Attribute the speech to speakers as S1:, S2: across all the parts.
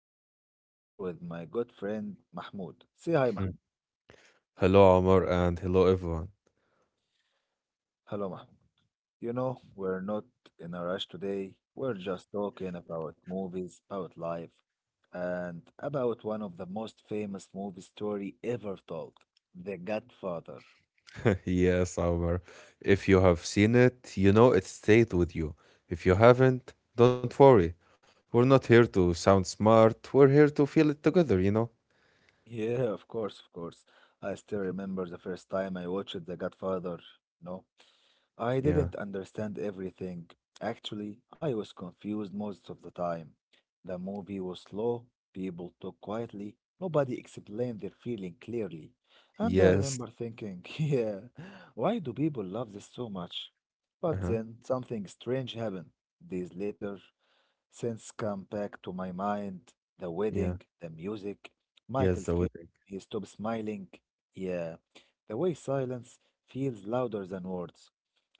S1: I'm sitting here with my good friend Mahmoud. Say hi,
S2: Mm.
S1: Mahmoud.
S2: Hello, Omar, and hello, everyone.
S1: Hello, Mahmoud. We're not in a rush today. We're just talking about movies, about life, and about one of the most famous movie story ever told, The Godfather.
S2: Yes, Omar. If you have seen it, you know it stayed with you. If you haven't, don't worry. We're not here to sound smart. We're here to feel it together, you know?
S1: Yeah, of course, of course. I still remember the first time I watched The Godfather. No? I
S2: Yeah.
S1: didn't understand everything. Actually, I was confused most of the time. The movie was slow, people talked quietly, nobody explained their feeling clearly. And I
S2: Yes.
S1: remember thinking, yeah, why do people love this so much?
S2: Uh
S1: But
S2: huh.
S1: then something strange happened. Days later, since come back to my mind, the
S2: Yeah.
S1: wedding, the music,
S2: Yes,
S1: Michael's
S2: the
S1: face,
S2: wedding.
S1: he stopped smiling. Yeah, the way silence feels louder than words.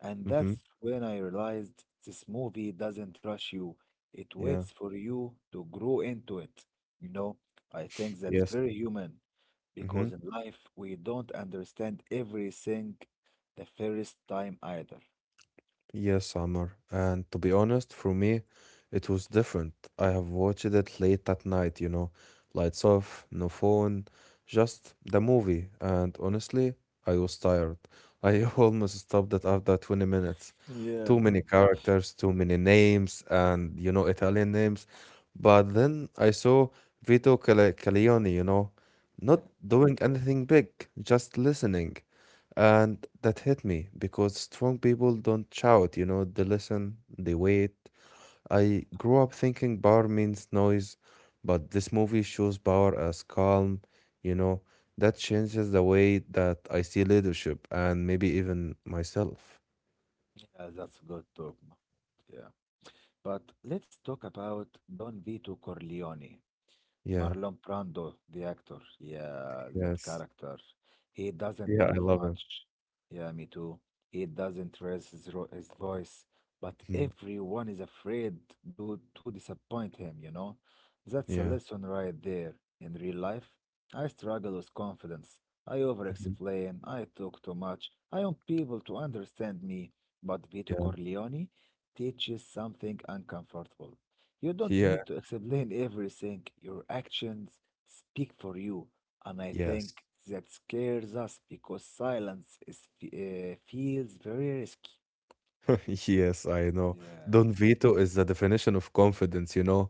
S1: And
S2: Mm hmm.
S1: that's when I realized this movie doesn't rush you, it
S2: Yeah.
S1: waits for you to grow into it. You know, I think that's
S2: Yes.
S1: very human
S2: Mm-hmm.
S1: because in life we don't understand everything the first time either.
S2: Yes, Amar. And to be honest, for me, it was different. I have watched it late at night, lights off, no phone, just the movie. And honestly, I was tired. I almost stopped it after 20 minutes.
S1: Yeah,
S2: Too many characters, too many names, and, Italian names. But then I saw Vito Corleone,
S1: yeah.
S2: not doing anything big, just listening. And that hit me because strong people don't shout, they listen, they wait. I grew up thinking power means noise, but this movie shows power as calm, you know. That changes the way that I see leadership and maybe even myself.
S1: Yeah, that's good talk. Yeah. But let's talk about Don Vito Corleone.
S2: Yeah,
S1: Marlon Brando, the actor. Yeah, that
S2: yes.
S1: character. He doesn't
S2: Yeah, I
S1: move
S2: love him.
S1: much. Yeah, me too. He doesn't raise his, his voice, but
S2: Mhm.
S1: everyone is afraid to, disappoint him, you know? That's a
S2: Yeah.
S1: lesson right there. In real life, I struggle with confidence. I over
S2: Mhm.
S1: explain, I talk too much, I want people to understand me. But Vito
S2: Yeah.
S1: Corleone teaches something uncomfortable. You don't
S2: Yeah.
S1: need to explain everything. Your actions speak for you. And I
S2: Yes.
S1: think that scares us because silence is, feels very risky.
S2: Yes, I know.
S1: Yeah,
S2: Don Vito is the definition of confidence.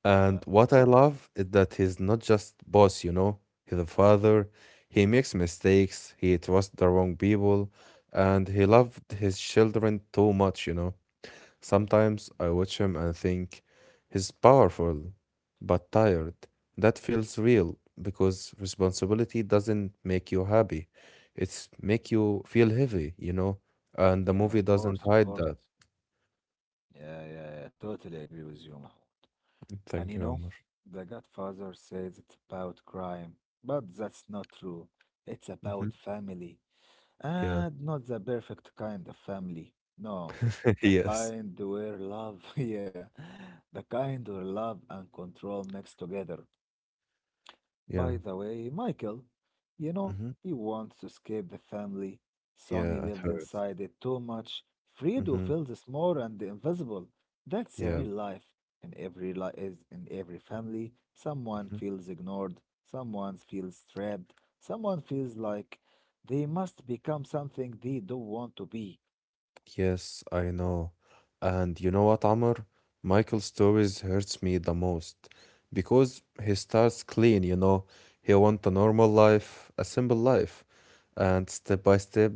S2: And
S1: yeah,
S2: what I love is that he's not just boss, he's a father. He makes mistakes, he trusts the wrong people, and he loved his children too much. Sometimes I watch him and think he's powerful but tired. That feels real because responsibility doesn't make you happy. It's make you feel heavy, and the
S1: yeah, yeah, of
S2: movie doesn't
S1: course, of
S2: hide
S1: course.
S2: that.
S1: Yeah, yeah, yeah, totally agree with you, Mahmoud. And
S2: Thank you, Omar.
S1: The Godfather says it's about crime, but that's not true. It's
S2: Hmm.
S1: about family.
S2: Yeah.
S1: And not the perfect kind of family. No, the
S2: Yes.
S1: kind where love, yeah, the kind where love and control mix together.
S2: Yeah.
S1: By the way, Michael,
S2: Mhm.
S1: he wants to escape the family. Sonny
S2: Yeah, at
S1: lives
S2: first.
S1: inside it too much. Fredo
S2: Mm-hmm.
S1: feels small and invisible. That's the
S2: Yeah.
S1: real life. In every li- is in every family, someone
S2: Hmm.
S1: feels ignored, someone feels trapped, someone feels like they must become something they don't want to be.
S2: Yes, I know. And you know what, Amr? Michael's stories hurts me the most because he starts clean. He want a normal life, a simple life, and step by step,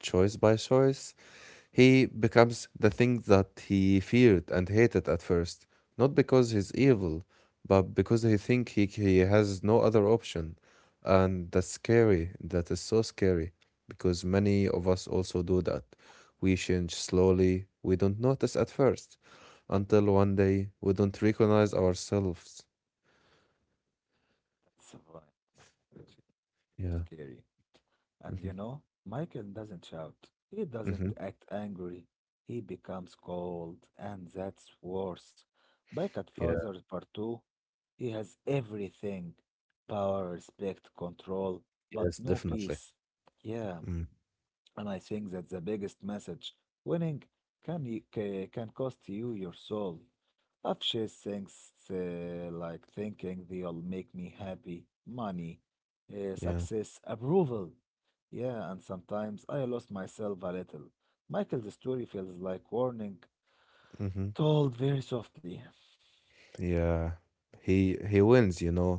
S2: choice by choice. He becomes the thing that he feared and hated at first, not because he's evil, but because he think he has no other option. And that's scary. That is so scary because many of us also do that. We change slowly. We don't notice at first until one day we don't recognize ourselves.
S1: That's why-
S2: Yeah.
S1: scary. And
S2: Mm-hmm.
S1: Michael doesn't shout. He doesn't
S2: Mm-hmm.
S1: act angry. He becomes cold, and that's worse. By
S2: Yeah.
S1: father's Part 2, he has everything power, respect, control, but
S2: Yes,
S1: no
S2: definitely.
S1: peace. Yeah,
S2: Mm.
S1: and I think that's the biggest message. Winning can cost you your soul. Afshes thinks like thinking they'll make me happy, money,
S2: Yeah.
S1: success, approval. Yeah, and sometimes I lost myself a little. Michael's story feels like warning,
S2: Mm-hmm.
S1: told very softly.
S2: Yeah, he wins,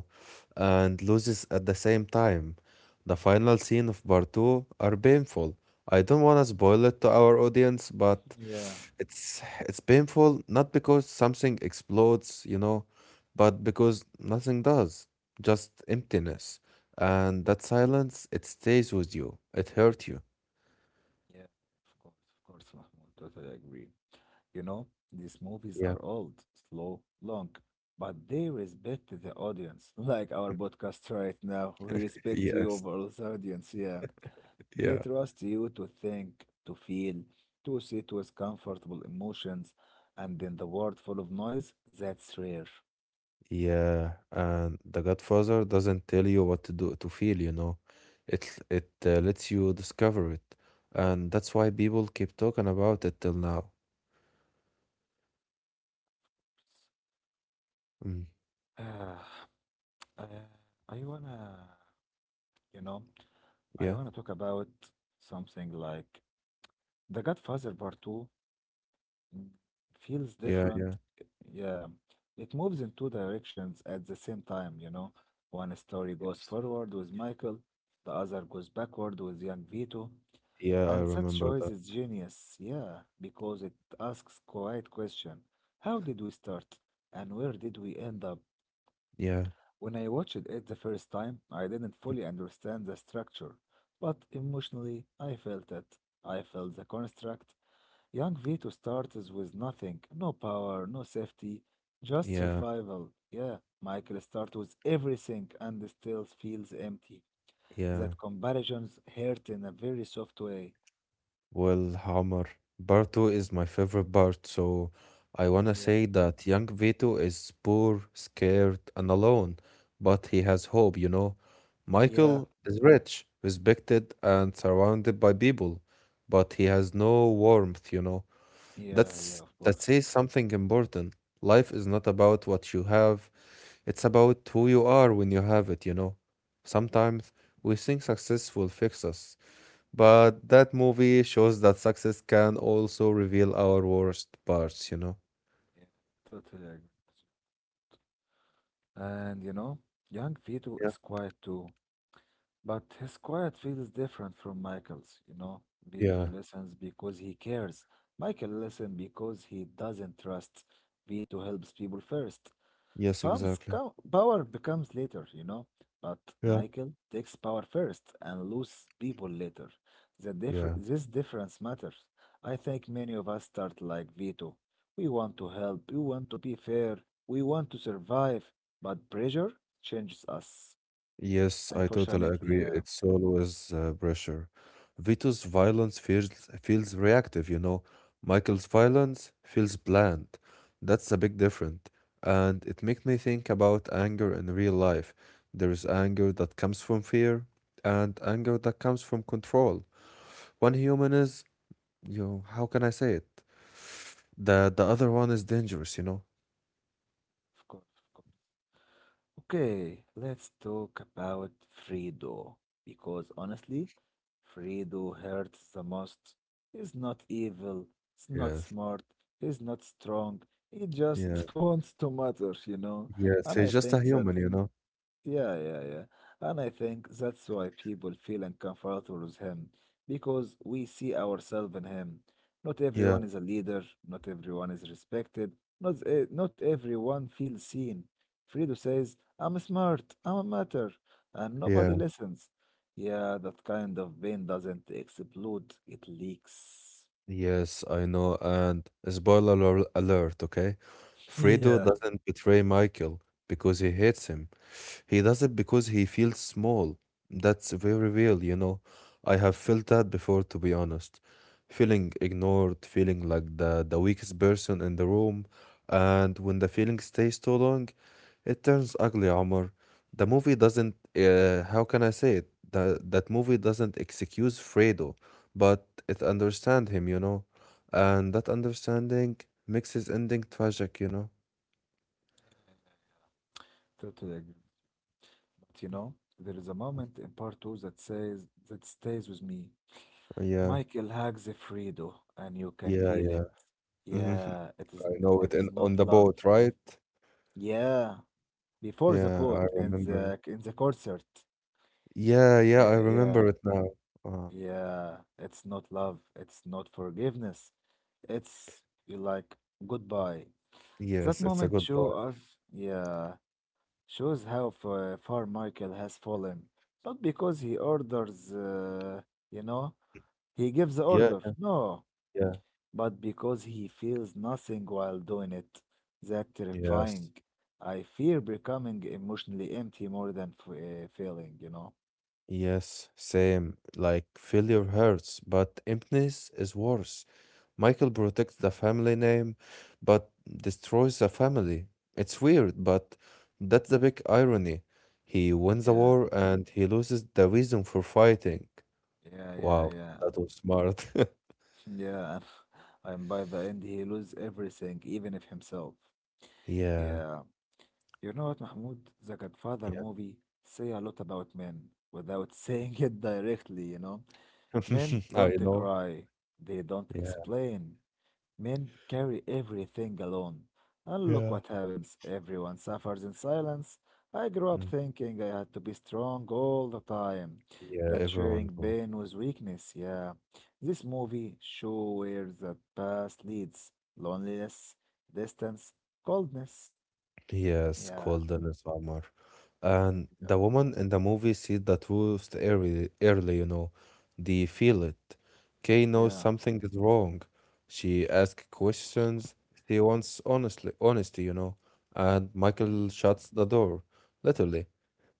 S2: and loses at the same time. The final scene of part two are painful. I don't want to spoil it to our audience, but
S1: Yeah,
S2: it's painful not because something explodes, but because nothing does. Just emptiness. And that silence, it stays with you. It hurt you.
S1: yeah, of course, Mahmoud, totally agree. These movies
S2: Yeah.
S1: are old, slow, long, but they respect the audience. Like our podcast right now, we respect you
S2: Yes.
S1: over the audience, yeah. They
S2: Yeah.
S1: trust you to think, to feel, to sit with comfortable emotions, and in the world full of noise, that's rare.
S2: Yeah, and The Godfather doesn't tell you what to do to feel. It lets you discover it, and that's why people keep talking about it till now. Mm.
S1: Uh, uh, I wanna, you know, I
S2: Yeah,
S1: wanna talk about something like The Godfather Part 2 feels
S2: yeah, yeah,
S1: different. Yeah, it moves in two directions at the same time, you know. One story goes
S2: yes.
S1: forward with Michael, the other goes backward with young Vito,
S2: Yeah, I
S1: and that
S2: remember
S1: choice
S2: that.
S1: is genius, yeah, because it asks quite question. How did we start and where did we end up?
S2: Yeah,
S1: When I watched it the first time, I didn't fully understand the structure, but emotionally I felt it. I felt the construct, Young Vito starts with nothing, no power, no safety, just
S2: yeah,
S1: survival. Yeah, Michael starts with everything and still feels empty.
S2: yeah.
S1: That comparisons hurt in a very soft way.
S2: Well, Hammer, part two is my favorite part, so I wanna
S1: Yeah,
S2: say that young Vito is poor, scared, and alone, but he has hope.
S1: yeah,
S2: Michael is rich, respected, and surrounded by people, but he has no warmth.
S1: yeah, yeah,
S2: That's
S1: of
S2: that
S1: course.
S2: says something important. Life is not about what you have, it's about who you are when you have it. Sometimes we think success will fix us. But that movie shows that success can also reveal our worst parts, you know?
S1: Yeah, totally agree. And young Vito
S2: Yeah.
S1: is quiet too, but his quiet feels different from Michael's, you know. Vito
S2: Yeah.
S1: listens because he cares. Michael listens because he doesn't trust. Vito helps people first.
S2: Yes, exactly.
S1: Power becomes later, you know, but
S2: Yeah.
S1: Michael takes power first and loses people later.
S2: Yeah.
S1: This difference matters. I think many of us start like Vito. We want to help, we want to be fair, we want to survive, but pressure changes us.
S2: Yes, I totally
S1: Unfortunately,
S2: agree.
S1: yeah,
S2: It's always pressure. Vito's violence feels reactive. Michael's violence feels bland. That's a big difference. And it makes me think about anger in real life. There is anger that comes from fear and anger that comes from control. One human is, yo, how can I say it? The other one is dangerous, you know?
S1: of course. Okay, let's talk about Fredo because honestly, Fredo hurts the most. He's not evil, he's not
S2: Yes.
S1: smart, he's not strong. He just
S2: Yeah.
S1: wants to matter, you know.
S2: Yes.
S1: And I
S2: He's just a
S1: think that
S2: human, you know?
S1: yeah, yeah, yeah. And I think that's why people feel uncomfortable with him, because we see ourselves in him. Not
S2: Yeah.
S1: everyone is a leader, not everyone is respected, not everyone feels seen. Fredo says, I'm smart, I'm a matter, and
S2: Yeah.
S1: nobody listens. Yeah, that kind of pain doesn't explode, it leaks.
S2: Yes, I know. And spoiler alert, okay? Fredo
S1: Yeah,
S2: doesn't betray Michael because he hates him. He does it because he feels small. That's very real. I have felt that before, to be honest. Feeling ignored, feeling like the weakest person in the room. And when the feeling stays too long, it turns ugly, Omar. The movie doesn't, how can I say it? That movie doesn't excuse Fredo, but it understands him. And that understanding makes his ending tragic.
S1: totally agree. But there is a moment in part two that says, that stays with me.
S2: Yeah,
S1: Michael hugs Fredo, and you can
S2: yeah,
S1: feel it.
S2: yeah. Hmm.
S1: Yeah, it is
S2: I know it
S1: it
S2: in
S1: is
S2: on
S1: not
S2: the
S1: love.
S2: boat, right?
S1: Yeah, before the
S2: Yeah, I
S1: boat in
S2: remember it.
S1: the concert.
S2: Yeah, yeah,
S1: Y-
S2: I
S1: Yeah,
S2: remember it now. Uh,
S1: yeah, it's not love. It's not forgiveness. It's you like goodbye. That
S2: yes, it's a
S1: moment
S2: good
S1: show
S2: goodbye.
S1: us. Yeah, shows how far Michael has fallen. Not because he orders. You know, he gives the
S2: Yeah,
S1: order. No,
S2: yeah.
S1: but because he feels nothing while doing it. That terrifying.
S2: Yes.
S1: I fear becoming emotionally empty more than f failing, you know.
S2: Yes, same. Like failure hurts, but emptiness is worse. Michael protects the family name, but destroys the family. It's weird, but that's the big irony. He wins the
S1: Yeah,
S2: war and he loses the reason for fighting.
S1: yeah, yeah,
S2: Wow,
S1: yeah,
S2: that was smart.
S1: yeah. And, and by the end, he loses everything, even if himself.
S2: Yeah.
S1: Yeah. You know what, Mahmoud? The Godfather movie say a lot about men without saying it directly, you know. Men
S2: I
S1: don't
S2: know.
S1: cry, they don't
S2: Yeah.
S1: explain, Men carry everything alone. And look
S2: Yeah.
S1: what happens. Everyone suffers in silence. I grew up
S2: Mm.
S1: thinking I had to be strong all the time,
S2: Yeah,
S1: that sharing
S2: everyone do.
S1: pain was weakness. Yeah. This movie shows where the past leads loneliness, distance, coldness.
S2: He is
S1: Yeah.
S2: called in his armor. And the
S1: Yeah.
S2: woman in the movie sees the truth early, early. They feel it. Kay knows
S1: Yeah.
S2: something is wrong. She asks questions. She wants honesty. And
S1: Yeah.
S2: Michael shuts the door, literally,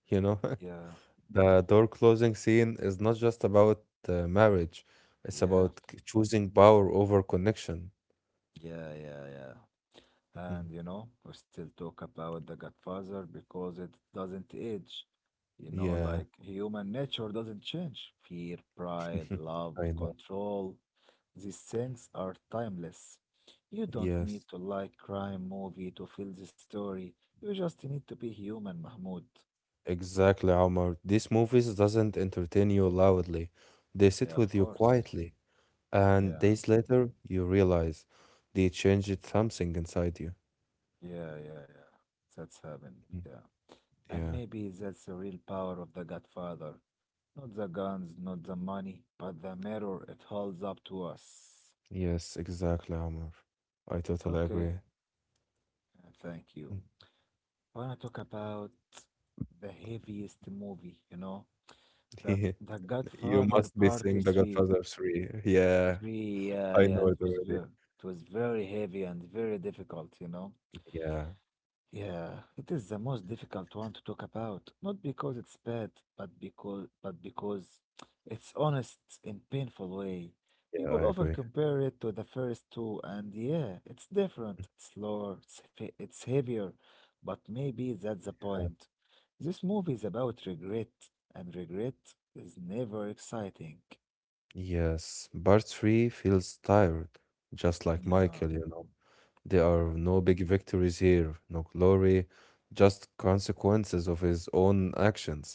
S2: you know.
S1: Yeah.
S2: The door closing scene is not just about marriage. It's
S1: Yeah.
S2: about choosing power over connection.
S1: Yeah. Yeah. Yeah.
S2: Mm-hmm.
S1: And we still talk about The Godfather because it doesn't age.
S2: Yeah.
S1: Like human nature doesn't change. Fear, pride, love,
S2: I know.
S1: control, these things are timeless. You don't need
S2: Yes,
S1: to like crime movie to feel the story. You just need to be human, Mahmoud.
S2: exactly, Omar. These movies doesn't entertain you loudly. They
S1: Yeah,
S2: sit
S1: of
S2: with you
S1: course.
S2: quietly, and
S1: Yeah,
S2: days later you realize they changed something inside you.
S1: yeah, yeah, yeah. That's heaven.
S2: Mm,
S1: Yeah. And
S2: yeah.
S1: maybe that's the real power of The Godfather. Not the guns, not the money, but the mirror it holds up to us.
S2: Yes, exactly, Omar. I totally agree.
S1: Okay, thank you.
S2: Mm.
S1: I wanna talk about the heaviest movie, you know? The The
S2: You
S1: Godfather
S2: must be
S1: Part
S2: seeing The
S1: 3.
S2: Godfather 3. Yeah,
S1: 3, yeah,
S2: I know it already.
S1: it was very heavy and very difficult, you know?
S2: Yeah,
S1: Yeah, it is the most difficult one to talk about, not because it's bad, but because it's honest in painful way.
S2: yeah, I
S1: People often
S2: agree.
S1: compare it to the first two, and yeah, it's different. It's slower, it's, it's heavier, but maybe that's the point. This movie is about regret, and regret is never exciting.
S2: Yes, part 3 feels tired, just like
S1: Yeah,
S2: Michael. There are
S1: yeah,
S2: no big victories here, no glory, just consequences of his own actions.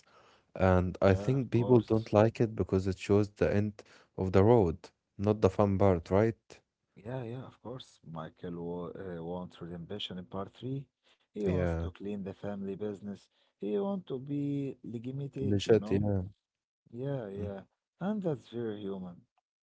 S2: And I
S1: yeah, of
S2: think people
S1: course.
S2: don't like it because it shows the end of the road, not the fun part, right?
S1: Yeah, yeah, of course. Michael wa wants redemption in part three. He wants
S2: Yeah.
S1: to clean the family business. He wants to be
S2: اللي
S1: legitimate, you
S2: شات-
S1: know?
S2: yeah.
S1: Yeah,
S2: Mm.
S1: yeah. And that's very human.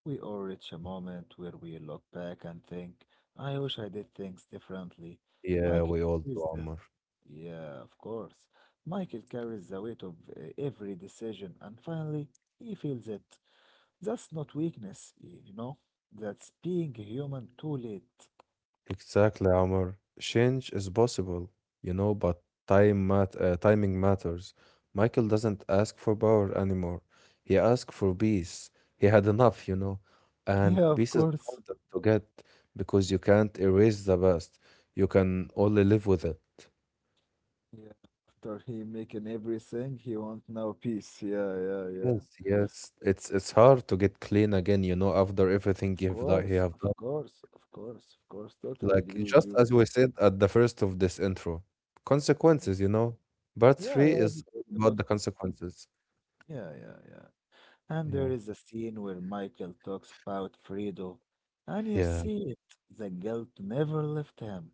S1: We all reach a moment where we look back and think, I wish I did things differently.
S2: Yeah,
S1: Michael
S2: we all do,
S1: carries the,
S2: Omar.
S1: yeah, of course. Michael carries the weight of every decision, and finally, he feels it. That's not weakness, you know? That's being human too late.
S2: Exactly, Omar. Change is possible, but time mat timing matters. Michael doesn't ask for power anymore. He asks for peace. He had enough, and
S1: Yeah, of
S2: peace is
S1: course.
S2: hard to get because you can't erase the past. You can only live with it.
S1: Yeah, after he making everything, he want now peace. Yeah, yeah, yeah.
S2: Yes, yes. It's hard to get clean again, after everything
S1: Of
S2: you
S1: course,
S2: have
S1: of
S2: done.
S1: course, of course, of course. Totally
S2: Like
S1: agree with
S2: just
S1: you.
S2: as we said at the first of this intro, consequences. Part
S1: Yeah,
S2: three
S1: yeah. Everything
S2: is all about
S1: about
S2: the
S1: consequences.
S2: consequences.
S1: Yeah, yeah, yeah. And there
S2: Yeah.
S1: is a scene where Michael talks about Fredo, and you
S2: Yeah.
S1: see it. The guilt never left him.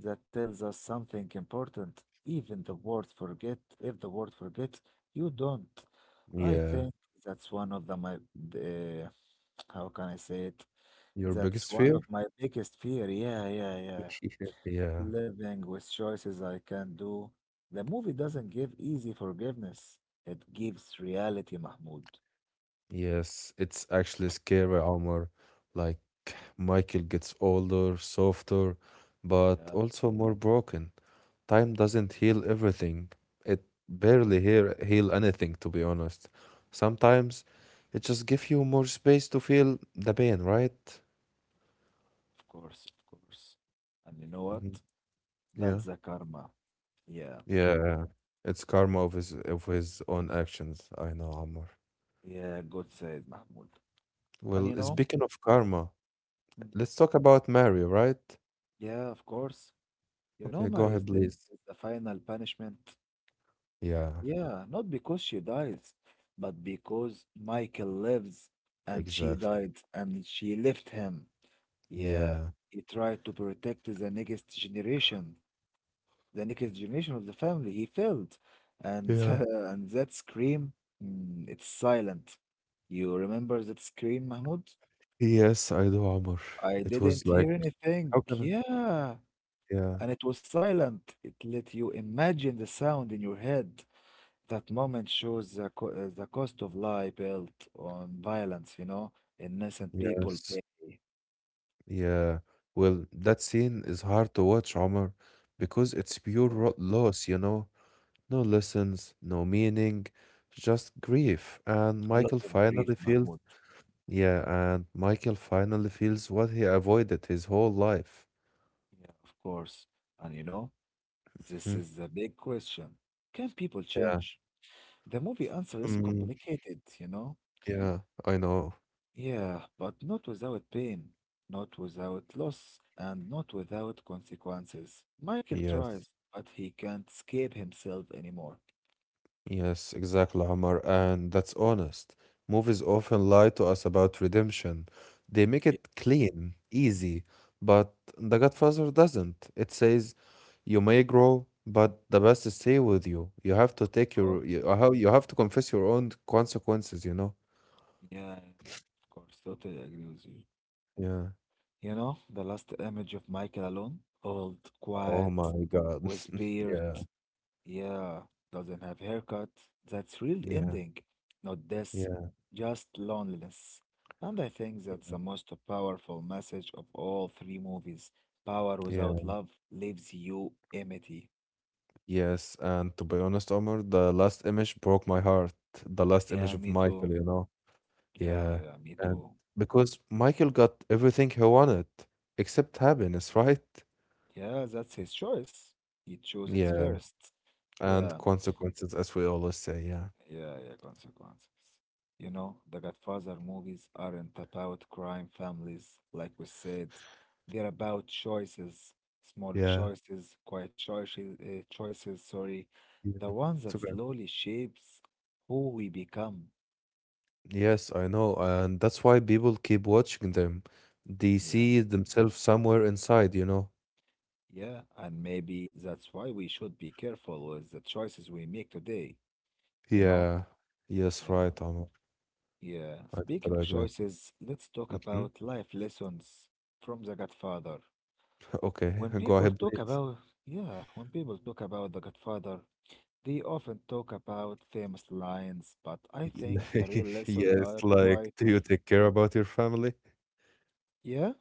S1: That tells us something important. Even the word forget, if the word forget, you don't. I
S2: Yeah.
S1: think that's one of the my the How can I say it?
S2: Your
S1: That's
S2: biggest
S1: one
S2: fear?
S1: of my biggest fear. Yeah, yeah, yeah.
S2: Yeah.
S1: Living with choices I can do. The movie doesn't give easy forgiveness. It gives reality, Mahmoud.
S2: Yes. It's actually scary, Omar. Like Michael gets older, softer, but
S1: Yeah,
S2: also more broken. Time doesn't heal everything. It barely heal anything, to be honest. Sometimes it just gives you more space to feel the pain, right?
S1: of course, of course. And you know
S2: Mhm.
S1: what?
S2: Yeah,
S1: That's the karma. Yeah,
S2: yeah. It's karma of his own actions. I know, Ammar.
S1: yeah, God said, Mahmoud. And
S2: Well, speaking of karma,
S1: Mm,
S2: let's talk about Mary, right?
S1: yeah, of course.
S2: Okay, go
S1: Mary's
S2: ahead,
S1: death
S2: please.
S1: is the final punishment.
S2: Yeah,
S1: Yeah, not because she dies, but because Michael lives and she
S2: exactly.
S1: died and she left him. Yeah,
S2: Yeah,
S1: he tried to protect the next generation of the family. He failed. And
S2: yeah.
S1: and that scream, mm, it's silent. You remember that scream, Mahmoud?
S2: Yes, I do, Ammar.
S1: I
S2: It was
S1: didn't
S2: like,
S1: hear anything.
S2: how can I?
S1: Yeah,
S2: Yeah,
S1: and it was silent. It let you imagine the sound in your head. That moment shows the, the cost of lie built on violence, innocent people
S2: yes,
S1: pay for
S2: yeah. Well, that scene is hard to watch, Ammar, because it's pure loss, you know? No lessons, no meaning, just grief. And
S1: a lot
S2: Michael
S1: of grief,
S2: finally feels.
S1: Mahmoud.
S2: Yeah, and Michael finally feels what he avoided his whole life.
S1: Yeah, of course. And this
S2: Mhm.
S1: is the big question. Can people
S2: Yeah.
S1: change? The movie answer is
S2: Mm,
S1: complicated, you know?
S2: yeah, I know.
S1: Yeah, but not without pain, not without loss, and not without consequences. Michael
S2: Yes.
S1: tries, but he can't escape himself anymore.
S2: Yes, exactly, Omar. And that's honest. Movies often lie to us about redemption. They make
S1: Yeah,
S2: it clean, easy, but The Godfather doesn't. It says you may grow, but the best stay with you. You have to
S1: of
S2: take
S1: course.
S2: your you how you have to confess your own consequences, you know?
S1: Yeah, of course. Totally agree with you.
S2: Yeah.
S1: You know, the last image of Michael alone, old,
S2: Oh
S1: quiet,
S2: my God.
S1: with beard.
S2: Yeah.
S1: Yeah, doesn't have haircut. That's real
S2: Yeah.
S1: ending, not death,
S2: Yeah,
S1: just loneliness. And I think that's
S2: yeah,
S1: the most powerful message of all three movies. Power without
S2: yeah.
S1: love leaves you empty.
S2: Yes, and to be honest, Omar, the last image broke my heart. The last
S1: Yeah,
S2: image of
S1: me too.
S2: Michael.
S1: Yeah,
S2: Yeah,
S1: yeah, me
S2: and
S1: too.
S2: because Michael got everything he wanted except happiness, right?
S1: Yeah, that's his choice. He chose it
S2: Yeah,
S1: first.
S2: and
S1: Yeah.
S2: consequences, as we always say. Yeah,
S1: Yeah, yeah, consequences. You know, the Godfather movies aren't about crime families, like we said. They're about choices, small
S2: yeah.
S1: choices, quiet choices, choices, sorry.
S2: Yeah.
S1: The ones
S2: It's
S1: that
S2: okay.
S1: slowly shapes who we become.
S2: Yes, I know, and that's why people keep watching them. They
S1: Yeah.
S2: see themselves somewhere inside.
S1: Yeah, and maybe that's why we should be careful with the choices we make today, you know?
S2: Yeah. Yes,
S1: Yeah.
S2: right, Omar.
S1: Yeah.
S2: I
S1: Speaking of
S2: totally agree.
S1: choices, let's talk
S2: Mhm.
S1: about life lessons from The Godfather.
S2: Okay,
S1: When
S2: go
S1: people
S2: ahead,
S1: talk
S2: please.
S1: about, yeah, when people talk about The Godfather, they often talk about famous lines, but I think the
S2: Like,
S1: real lesson
S2: yes,
S1: are
S2: like, do
S1: quieter.
S2: you take care about your family?
S1: Yeah?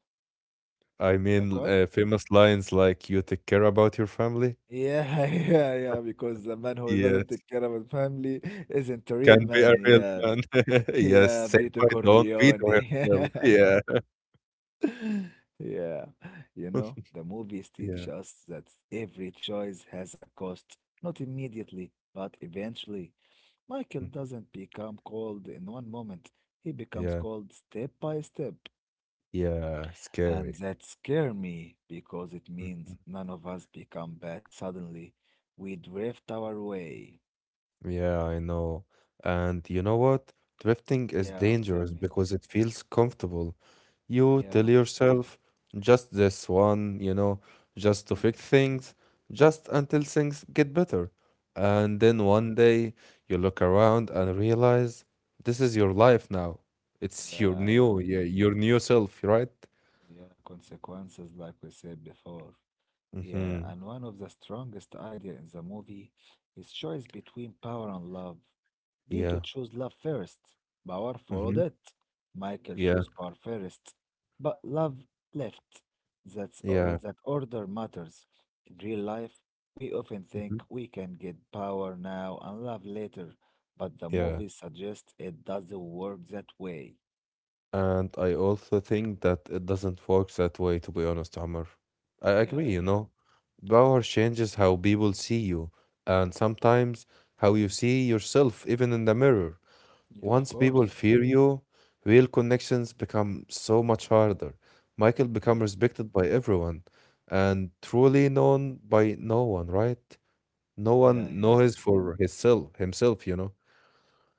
S2: I
S1: Like
S2: mean,
S1: what?
S2: famous lines like, "You take care about your family?"
S1: Yeah, yeah, because the man who doesn't
S2: Yes,
S1: take care of his family isn't a real
S2: can be a
S1: man.
S2: real
S1: Yeah,
S2: man. Yes,
S1: yeah,
S2: say
S1: Vito
S2: bye, don't veto
S1: Corleone.
S2: himself. Yeah.
S1: Yeah, you know, the movies
S2: Yeah.
S1: teach us that every choice has a cost, not immediately, but eventually. Michael
S2: Mm.
S1: doesn't become cold in one moment. He becomes
S2: Yeah.
S1: cold step by step.
S2: Yeah.
S1: And
S2: Scary.
S1: that scares me because it
S2: Mhm.
S1: means none of us become bad suddenly. We drift our way.
S2: Yeah, I know. And you know what? Drifting is
S1: Yeah, tell
S2: dangerous
S1: me.
S2: because it feels comfortable. You tell
S1: Yeah.
S2: yourself just this one, just to
S1: Yeah,
S2: fix things, just until things get better. And then one day you look around and realize this is your life now. It's your
S1: yeah, yeah.
S2: new, yeah, your new self, right?
S1: Yeah, consequences, like we said before. Yeah,
S2: Mm-hmm.
S1: and one of the strongest idea in the movie is choice between power and love. Vito
S2: Yeah.
S1: chose love first. Power followed
S2: Mm-hmm.
S1: it. Michael
S2: Yeah.
S1: chose power first. But love left. That's, uh,
S2: Yeah.
S1: that order matters. In real life, we often think
S2: Mm-hmm.
S1: we can get power now and love later, but the
S2: Yeah.
S1: movie suggests it doesn't work that way.
S2: And I also think that it doesn't work that way, to be honest, Omar. I
S1: Yeah,
S2: agree.
S1: yeah.
S2: Power changes how people see you, and sometimes how you see yourself, even in the mirror.
S1: Yeah, of
S2: Once people
S1: course.
S2: fear you, real connections become so much harder. Michael become
S1: Yeah.
S2: respected by everyone and truly known by no one, right? No
S1: Yeah,
S2: one
S1: yeah.
S2: knows for himself.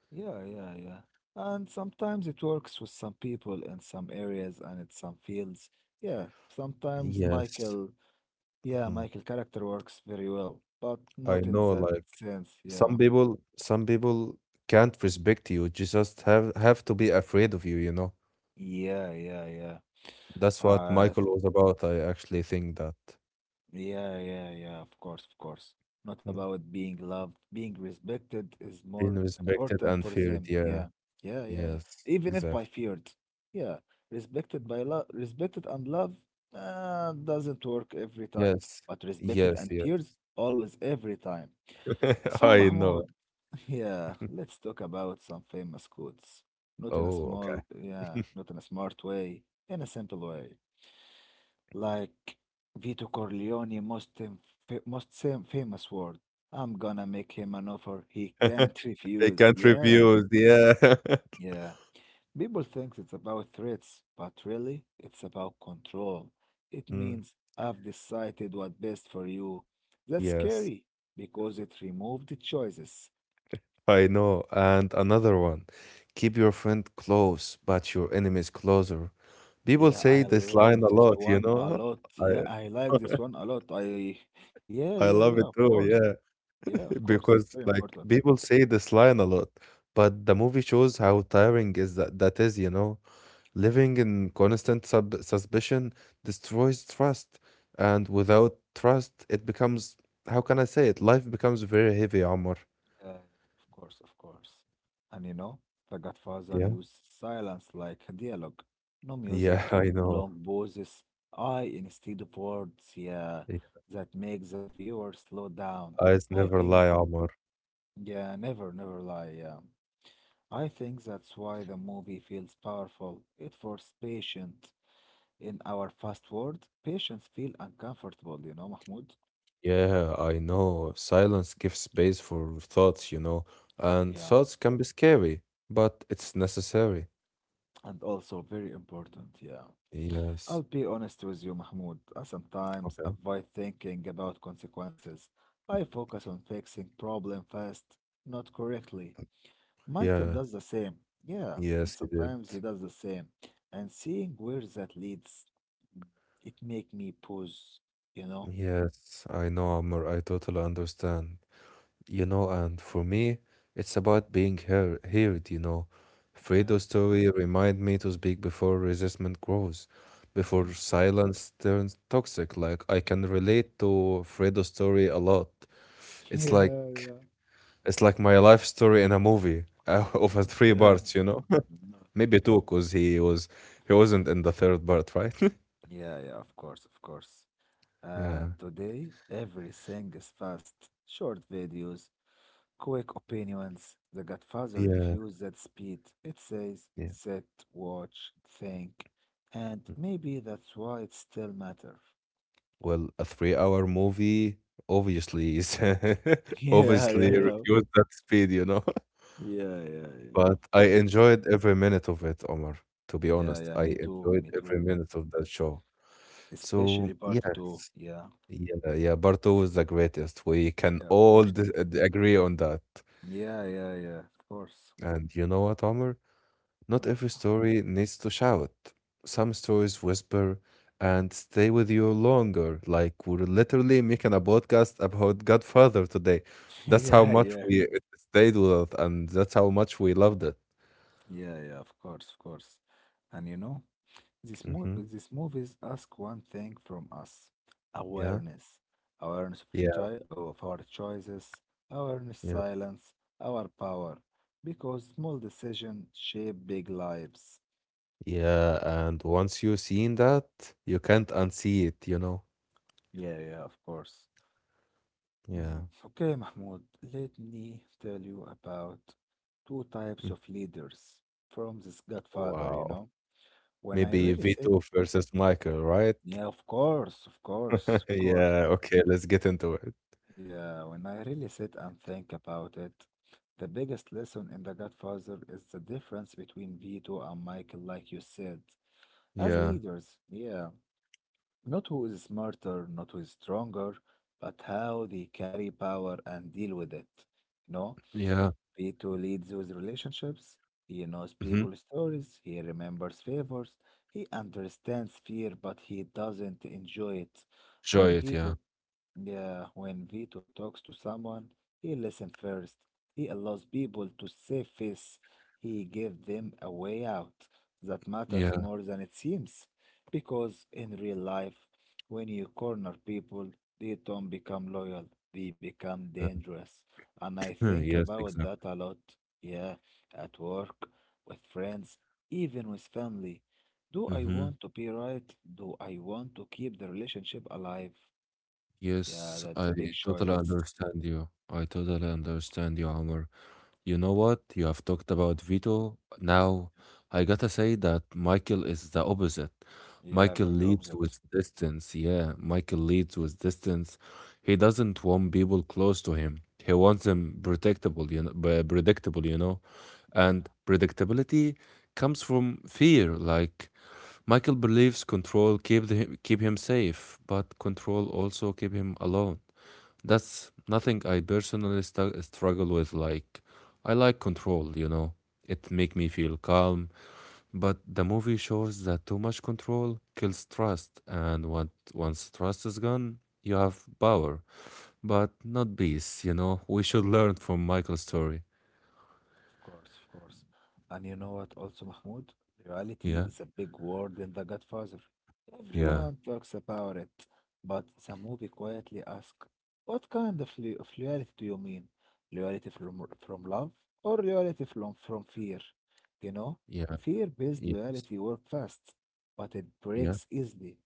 S1: Yeah, yeah, yeah. And sometimes it works with some people in some areas and in some fields. Yeah, sometimes
S2: Yes,
S1: Michael yeah,
S2: mhm.
S1: Michael character works very well, but
S2: I
S1: not in
S2: know,
S1: that
S2: like.
S1: sense.
S2: Some
S1: Yeah.
S2: people, some people can't respect you. You just have to be afraid of you, you know.
S1: Yeah, yeah, yeah.
S2: That's what
S1: Uh,
S2: Michael
S1: s-
S2: was about. I actually think that.
S1: yeah, yeah, yeah, of course, of course. Not
S2: Mm.
S1: about being loved, being respected is
S2: Being
S1: more
S2: respected
S1: important
S2: and
S1: for
S2: feared.
S1: them.
S2: Yeah.
S1: Yeah, yeah, yeah, yeah.
S2: Yes.
S1: Even if by
S2: Exactly.
S1: feared. Yeah, respected by love, respected and love doesn't work every time,
S2: Yes.
S1: but respected
S2: Yes.
S1: and fears
S2: Yes.
S1: always every time. So,
S2: I know.
S1: Mahmoud, yeah, let's talk about some famous quotes. Not in a
S2: Oh, okay.
S1: small, yeah, not in a smart way, in a simple way. Like Vito Corleone, most, fam- fa- most sam- famous word. I'm gonna make him an offer he can't
S2: They
S1: refuse.
S2: can't
S1: Yeah,
S2: refuse. Yeah.
S1: yeah. People think it's about threats, but really, it's about control. It
S2: Mm.
S1: means I've decided what's best for you. That's
S2: Yes,
S1: scary because it removed the choices.
S2: I know. And another one, keep your friend close, but your enemies closer. People
S1: Yeah,
S2: say
S1: I
S2: this line
S1: like
S2: a
S1: this
S2: lot, you
S1: one a
S2: know?
S1: lot. Yeah, I
S2: I
S1: like this one a lot. I, Yeah,
S2: I
S1: yeah,
S2: love
S1: yeah,
S2: it
S1: of
S2: too,
S1: course.
S2: yeah,
S1: Yeah, of course.
S2: because,
S1: Very
S2: like,
S1: important.
S2: people say this line a lot, but the movie shows how tiring is that is, you know? Living in constant sub suspicion destroys trust, and without trust, it becomes, how can I say it? Life becomes very heavy, Omar.
S1: Yeah, of course, of course. And you know, The Godfather
S2: Yeah?
S1: used silence like a dialogue. No music,
S2: Yeah, I know.
S1: long pauses, I instead of words. Yeah,
S2: Yeah.
S1: that makes the viewer slow down.
S2: Eyes
S1: I
S2: never
S1: think,
S2: lie, Omar.
S1: yeah, never, never lie. Yeah. I think that's why the movie feels powerful. It forces patience. In our fast world, patients feel uncomfortable, you know, Mahmoud.
S2: Yeah, I know. Silence gives space for thoughts, and
S1: Yeah,
S2: thoughts can be scary, but it's necessary.
S1: and also very important, yeah.
S2: Yes.
S1: I'll be honest with you, Mahmoud. I sometimes
S2: Okay.
S1: avoid thinking about consequences. I focus on fixing problem fast, not correctly. Michael
S2: Yeah.
S1: does the same, yeah, and
S2: Yes, he did.
S1: sometimes he does the same. And seeing where that leads, it make me pause, you know?
S2: Yes, I know, Amr. I totally understand. You know, and for me, it's about being heard.
S1: Yeah,
S2: Fredo's story remind me to speak before resistance grows, before
S1: yeah.
S2: silence turns toxic. Like, I can relate to Fredo's story a lot. It's
S1: Yeah,
S2: like It's like my life story in a movie of a three
S1: yeah.
S2: parts, you know?
S1: No.
S2: Maybe two, because he wasn't in the third part, right?
S1: Yeah, yeah, of course, of course.
S2: Yeah.
S1: And today, everything is fast. Short videos, quick opinions. The Godfather
S2: Yeah.
S1: refused that speed. It says,
S2: Yeah.
S1: sit, watch, think. And
S2: Mm.
S1: maybe that's why it still matters.
S2: Well, a three-hour movie obviously is
S1: Yeah, yeah,
S2: obviously
S1: yeah.
S2: refused that speed, you know?
S1: Yeah, yeah, yeah, of
S2: But I
S1: course.
S2: enjoyed every minute of it, Omar. To be
S1: Yeah,
S2: honest,
S1: yeah,
S2: I
S1: me too,
S2: enjoyed
S1: me too.
S2: every minute of that show. So
S1: Especially part
S2: yeah,
S1: two. Yeah,
S2: yeah, yeah. Part two is the greatest. We can
S1: yeah, of
S2: all
S1: course.
S2: agree on that.
S1: Yeah, yeah, yeah, of course.
S2: And you know what, Omar? Not
S1: Oh,
S2: every story needs to shout. Some stories whisper and stay with you longer. Like, we're literally making a podcast about Godfather today. That's how
S1: yeah,
S2: much
S1: yeah.
S2: we it stayed with us, and that's how much we loved it.
S1: Yeah, yeah, of course, of course. And you know, These, mo-
S2: Hmm.
S1: these movies ask one thing from us:
S2: Yeah,
S1: awareness. Awareness of,
S2: yeah,
S1: of our choices, awareness
S2: yeah,
S1: silence, our power. Because small decisions shape big lives.
S2: yeah. And once you've seen that, you can't unsee it. You know.
S1: Yeah, yeah, of course.
S2: Yeah.
S1: Mm, Okay, Mahmoud, let me tell you about two types
S2: Mm.
S1: of leaders from this Godfather, you
S2: Wow.
S1: know. When I
S2: Maybe
S1: really said,
S2: Vito versus Michael, right?
S1: yeah, of course, of course, of course.
S2: Yeah. Okay. Let's get into it.
S1: Yeah, when I really sit and think about it, the biggest lesson in The Godfather is the difference between Vito and Michael, like you said, as
S2: Yeah.
S1: leaders. Yeah, not who is smarter, not who is stronger, but how they carry power and deal with it. You know,
S2: Yeah.
S1: Vito leads with relationships, he knows
S2: Mhm.
S1: people's stories, he remembers favors, he understands fear, but he doesn't enjoy it.
S2: Enjoy
S1: When
S2: it, yeah.
S1: Vito yeah, when Vito talks to someone, he listens first. He allows people to save face. He gives them a way out. That matters
S2: Yeah.
S1: more than it seems. Because in real life, when you corner people, they don't become loyal, they become
S2: Yeah.
S1: dangerous. And I
S2: Mm.
S1: think
S2: Yes,
S1: about that
S2: exactly.
S1: a lot. Yeah, at work, with friends, even with family. Do I
S2: Mhm.
S1: want to be right? Do I want to keep the relationship alive? Yeah,
S2: Yes,
S1: that's a big
S2: I totally
S1: choice.
S2: understand you. I totally understand you, Amr. You know what? You have talked about Vito. Now, I gotta say that Michael is the opposite.
S1: Yeah,
S2: Michael
S1: very
S2: leads
S1: obvious.
S2: with distance. Yeah, Michael leads with distance. He doesn't want people close to him. He wants them predictable, you know, b- predictable, you know. And
S1: Yeah,
S2: predictability comes from fear. Like, Michael believes control keep him safe, but control also keep him alone. That's nothing I personally struggle with. Like, I like control. It make me feel calm, but the movie shows that too much control kills trust, and what once trust is gone, you have power, but not peace. You know, we should learn from Michael's story.
S1: of course, of course. And you know what, also, Mahmoud, reality
S2: Yeah,
S1: is a big word in The Godfather.
S2: yeah,
S1: Everyone talks about it, but the movie quietly asks, what kind of, of reality do you mean? Reality from love or reality from fear? You know,
S2: yeah,
S1: fear-based
S2: yes,
S1: reality works fast, but it
S2: yeah,
S1: breaks easily.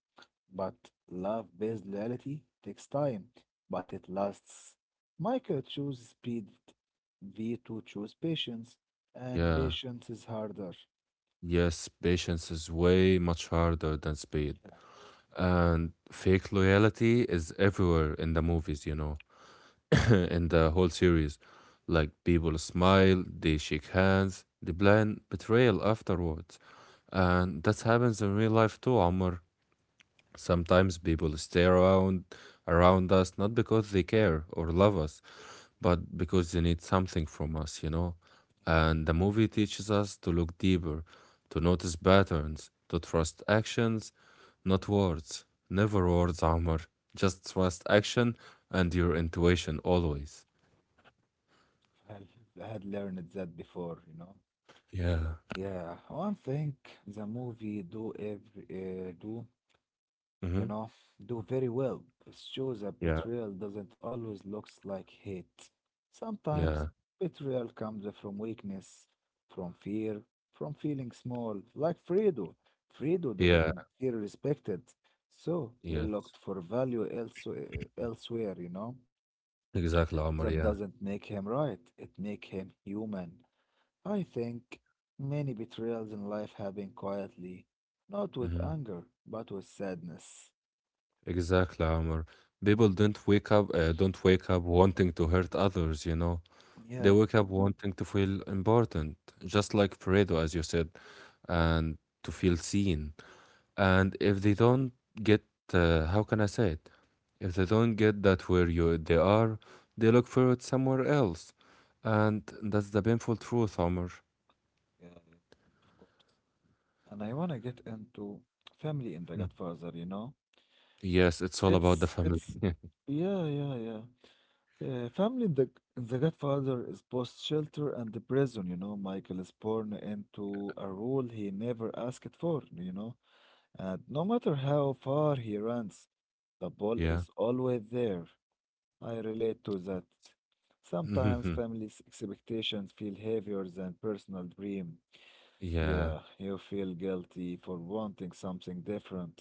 S1: But love-based loyalty takes time, but it lasts. Michael chose speed, Vito chose patience, and
S2: yeah.
S1: patience is harder.
S2: Yes, patience is way much harder than speed.
S1: Yeah,
S2: And fake loyalty is everywhere in the movies, in the whole series. Like, people smile, they shake hands, they plan betrayal afterwards. And that happens in real life too, Omar. Sometimes people stay around us not because they care or love us, but because they need something from us. And the movie teaches us to look deeper, to notice patterns, to trust actions, not words. Never words, Amr. Just trust action and your intuition always.
S1: I had learned that before, you know.
S2: Yeah.
S1: Yeah, one thing the movie do every do you
S2: Mm-hmm.
S1: know, do very well. It shows that
S2: Yeah.
S1: betrayal doesn't always look like hate. Sometimes
S2: Yeah.
S1: betrayal comes from weakness, from fear, from feeling small, like Fredo. Fredo didn't
S2: Yeah.
S1: feel respected, so he
S2: Yes.
S1: looked for value elsewhere, you know.
S2: Exactly, Amr.
S1: That
S2: Yeah.
S1: doesn't make him right, it makes him human. I think many betrayals in life happen quietly, not with
S2: Mm-hmm.
S1: anger, but with sadness.
S2: Exactly, Amr. People don't wake up wanting to hurt others. They
S1: Yeah.
S2: wake up wanting to feel important, just like Fredo, as you said, and to feel seen. And if they don't get, how can I say it? If they don't get that where you they are, they look for it somewhere else. And that's the painful truth, Omar.
S1: Yeah, yeah, of course. And I wanna get into family in The
S2: Mm.
S1: Godfather, you know?
S2: Yes, it's all about the family.
S1: It's yeah, yeah, yeah. Yeah, family in The Godfather is both shelter and the prison, you know. Michael is born into a role he never asked for, you know. And no matter how far he runs, the ball
S2: Yeah.
S1: is always there. I relate to that. Sometimes family's expectations feel heavier than personal dream.
S2: Yeah.
S1: Yeah, you feel guilty for wanting something different.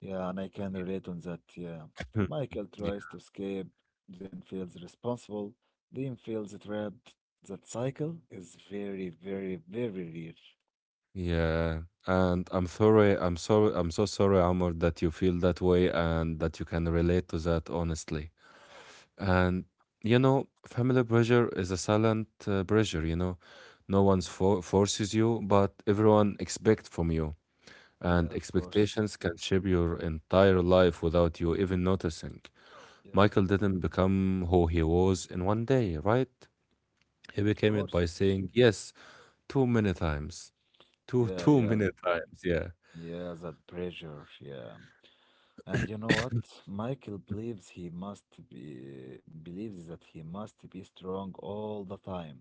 S1: Yeah, and I can relate on that. Yeah. Michael tries
S2: Yeah.
S1: to escape, then feels responsible, then feels trapped. That cycle is very real.
S2: Yeah. And I'm sorry, I'm sorry, I'm so sorry, Amor, that you feel that way and that you can relate to that honestly. And you know, family pressure is a silent pressure. No one's forces you, but everyone expect from you. And
S1: Yeah, of course.
S2: expectations can shape your entire life without you even noticing.
S1: Yeah, of
S2: Michael didn't become who he was in one day, right? He became it
S1: course.
S2: by saying yes too many times. Too
S1: Yeah,
S2: too
S1: yeah,
S2: many times, yeah.
S1: yeah, that pressure. Yeah. And you know what? Michael believes he must be believes that he must be strong all the time.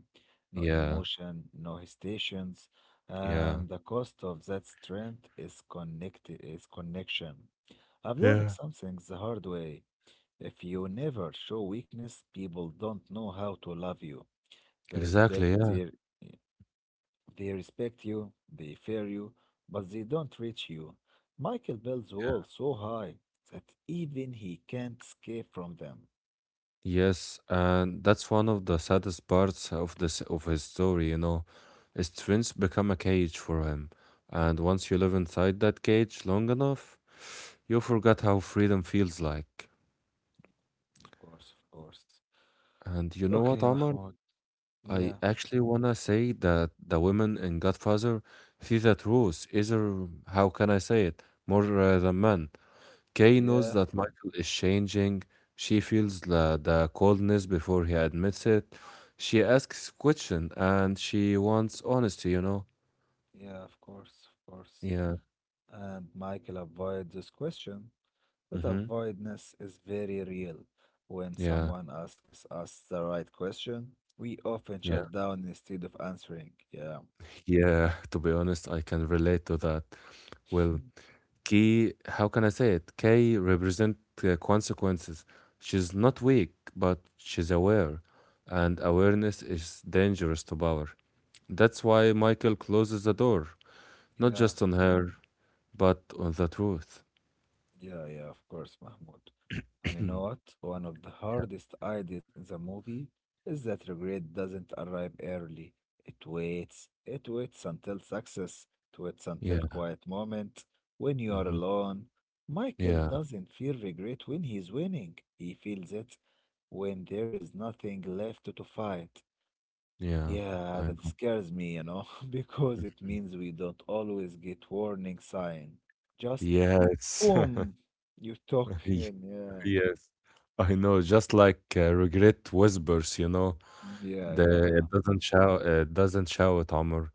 S1: No
S2: Yeah.
S1: emotion, no hesitations,
S2: Yeah.
S1: and the cost of that strength is connection. I've learned
S2: Yeah.
S1: something the hard way. If you never show weakness, people don't know how to love you. They respect
S2: Exactly, yeah.
S1: their they respect you, they fear you, but they don't reach you. Michael builds walls so high that even he can't escape from them.
S2: Yes, and that's one of the saddest parts of this of his story. His twins become a cage for him, and once you live inside that cage long enough, you forget how freedom feels like.
S1: Of course, of course.
S2: And you know what,
S1: Okay,
S2: Omar?
S1: Mahmoud.
S2: I
S1: Yeah,
S2: actually wanna say that the women in Godfather see the truth, either, how can I say it, more than men. Kay knows
S1: yeah,
S2: that Michael is changing. She feels the coldness before he admits it. She asks question and she wants honesty, you know?
S1: yeah, of course, of course.
S2: Yeah.
S1: And Michael avoids this question. That
S2: Mm-hmm.
S1: avoidance is very real. When
S2: Yeah.
S1: someone asks us the right question, we often
S2: Yeah.
S1: shut down instead of answering. Yeah,
S2: Yeah. To be honest, I can relate to that. Well,
S1: Hmm,
S2: Kay, how can I say it? Kay represent consequences. She's not weak, but she's aware. And awareness is dangerous to power. That's why Michael closes the door, not
S1: yeah,
S2: just on her, but on the truth.
S1: yeah, yeah, of course, Mahmoud. And you know what? One of the
S2: Yeah.
S1: hardest ideas in the movie is that regret doesn't arrive early. It waits. It waits until success. It waits
S2: Yeah.
S1: until quiet moment. When you are
S2: Mhm.
S1: alone. Michael
S2: Yeah.
S1: doesn't feel regret when he's winning. He feels it when there is nothing left to fight.
S2: Yeah.
S1: Yeah,
S2: I
S1: that
S2: know.
S1: scares me, you know, because it
S2: Mhm.
S1: means we don't always get warning sign. Just
S2: Yes.
S1: boom, you talk
S2: Y-
S1: and yeah.
S2: Yes. I know. Just like regret whispers,
S1: Yeah,
S2: the
S1: yeah,
S2: it doesn't shout, Amr.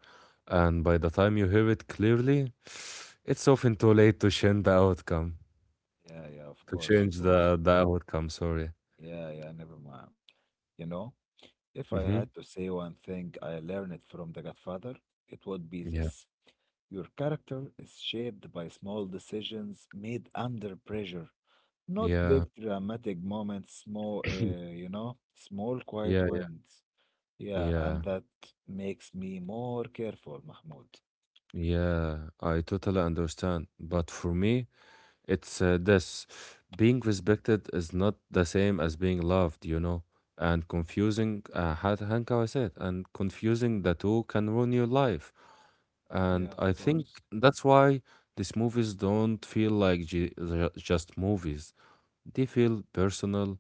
S2: And by the time you hear it clearly, it's often too late to change the outcome,
S1: yeah, yeah, of
S2: to
S1: course, of
S2: change
S1: course.
S2: the outcome. Sorry.
S1: Yeah, yeah, never mind. You know, if I
S2: Mm-hmm.
S1: had to say one thing I learned from The Godfather, it would be
S2: Yeah.
S1: this. Your character is shaped by small decisions made under pressure, not
S2: Yeah.
S1: big dramatic moments, small
S2: Yeah.
S1: quiet
S2: Yeah.
S1: wins. Yeah,
S2: Yeah.
S1: and that makes me more careful, Mahmoud.
S2: Yeah. I totally understand. But for me, It's this being respected is not the same as being loved, and confusing, how I said, and confusing the two can ruin your life. And
S1: Yeah, of
S2: I think
S1: course.
S2: that's why these movies don't feel like they're just movies. They feel personal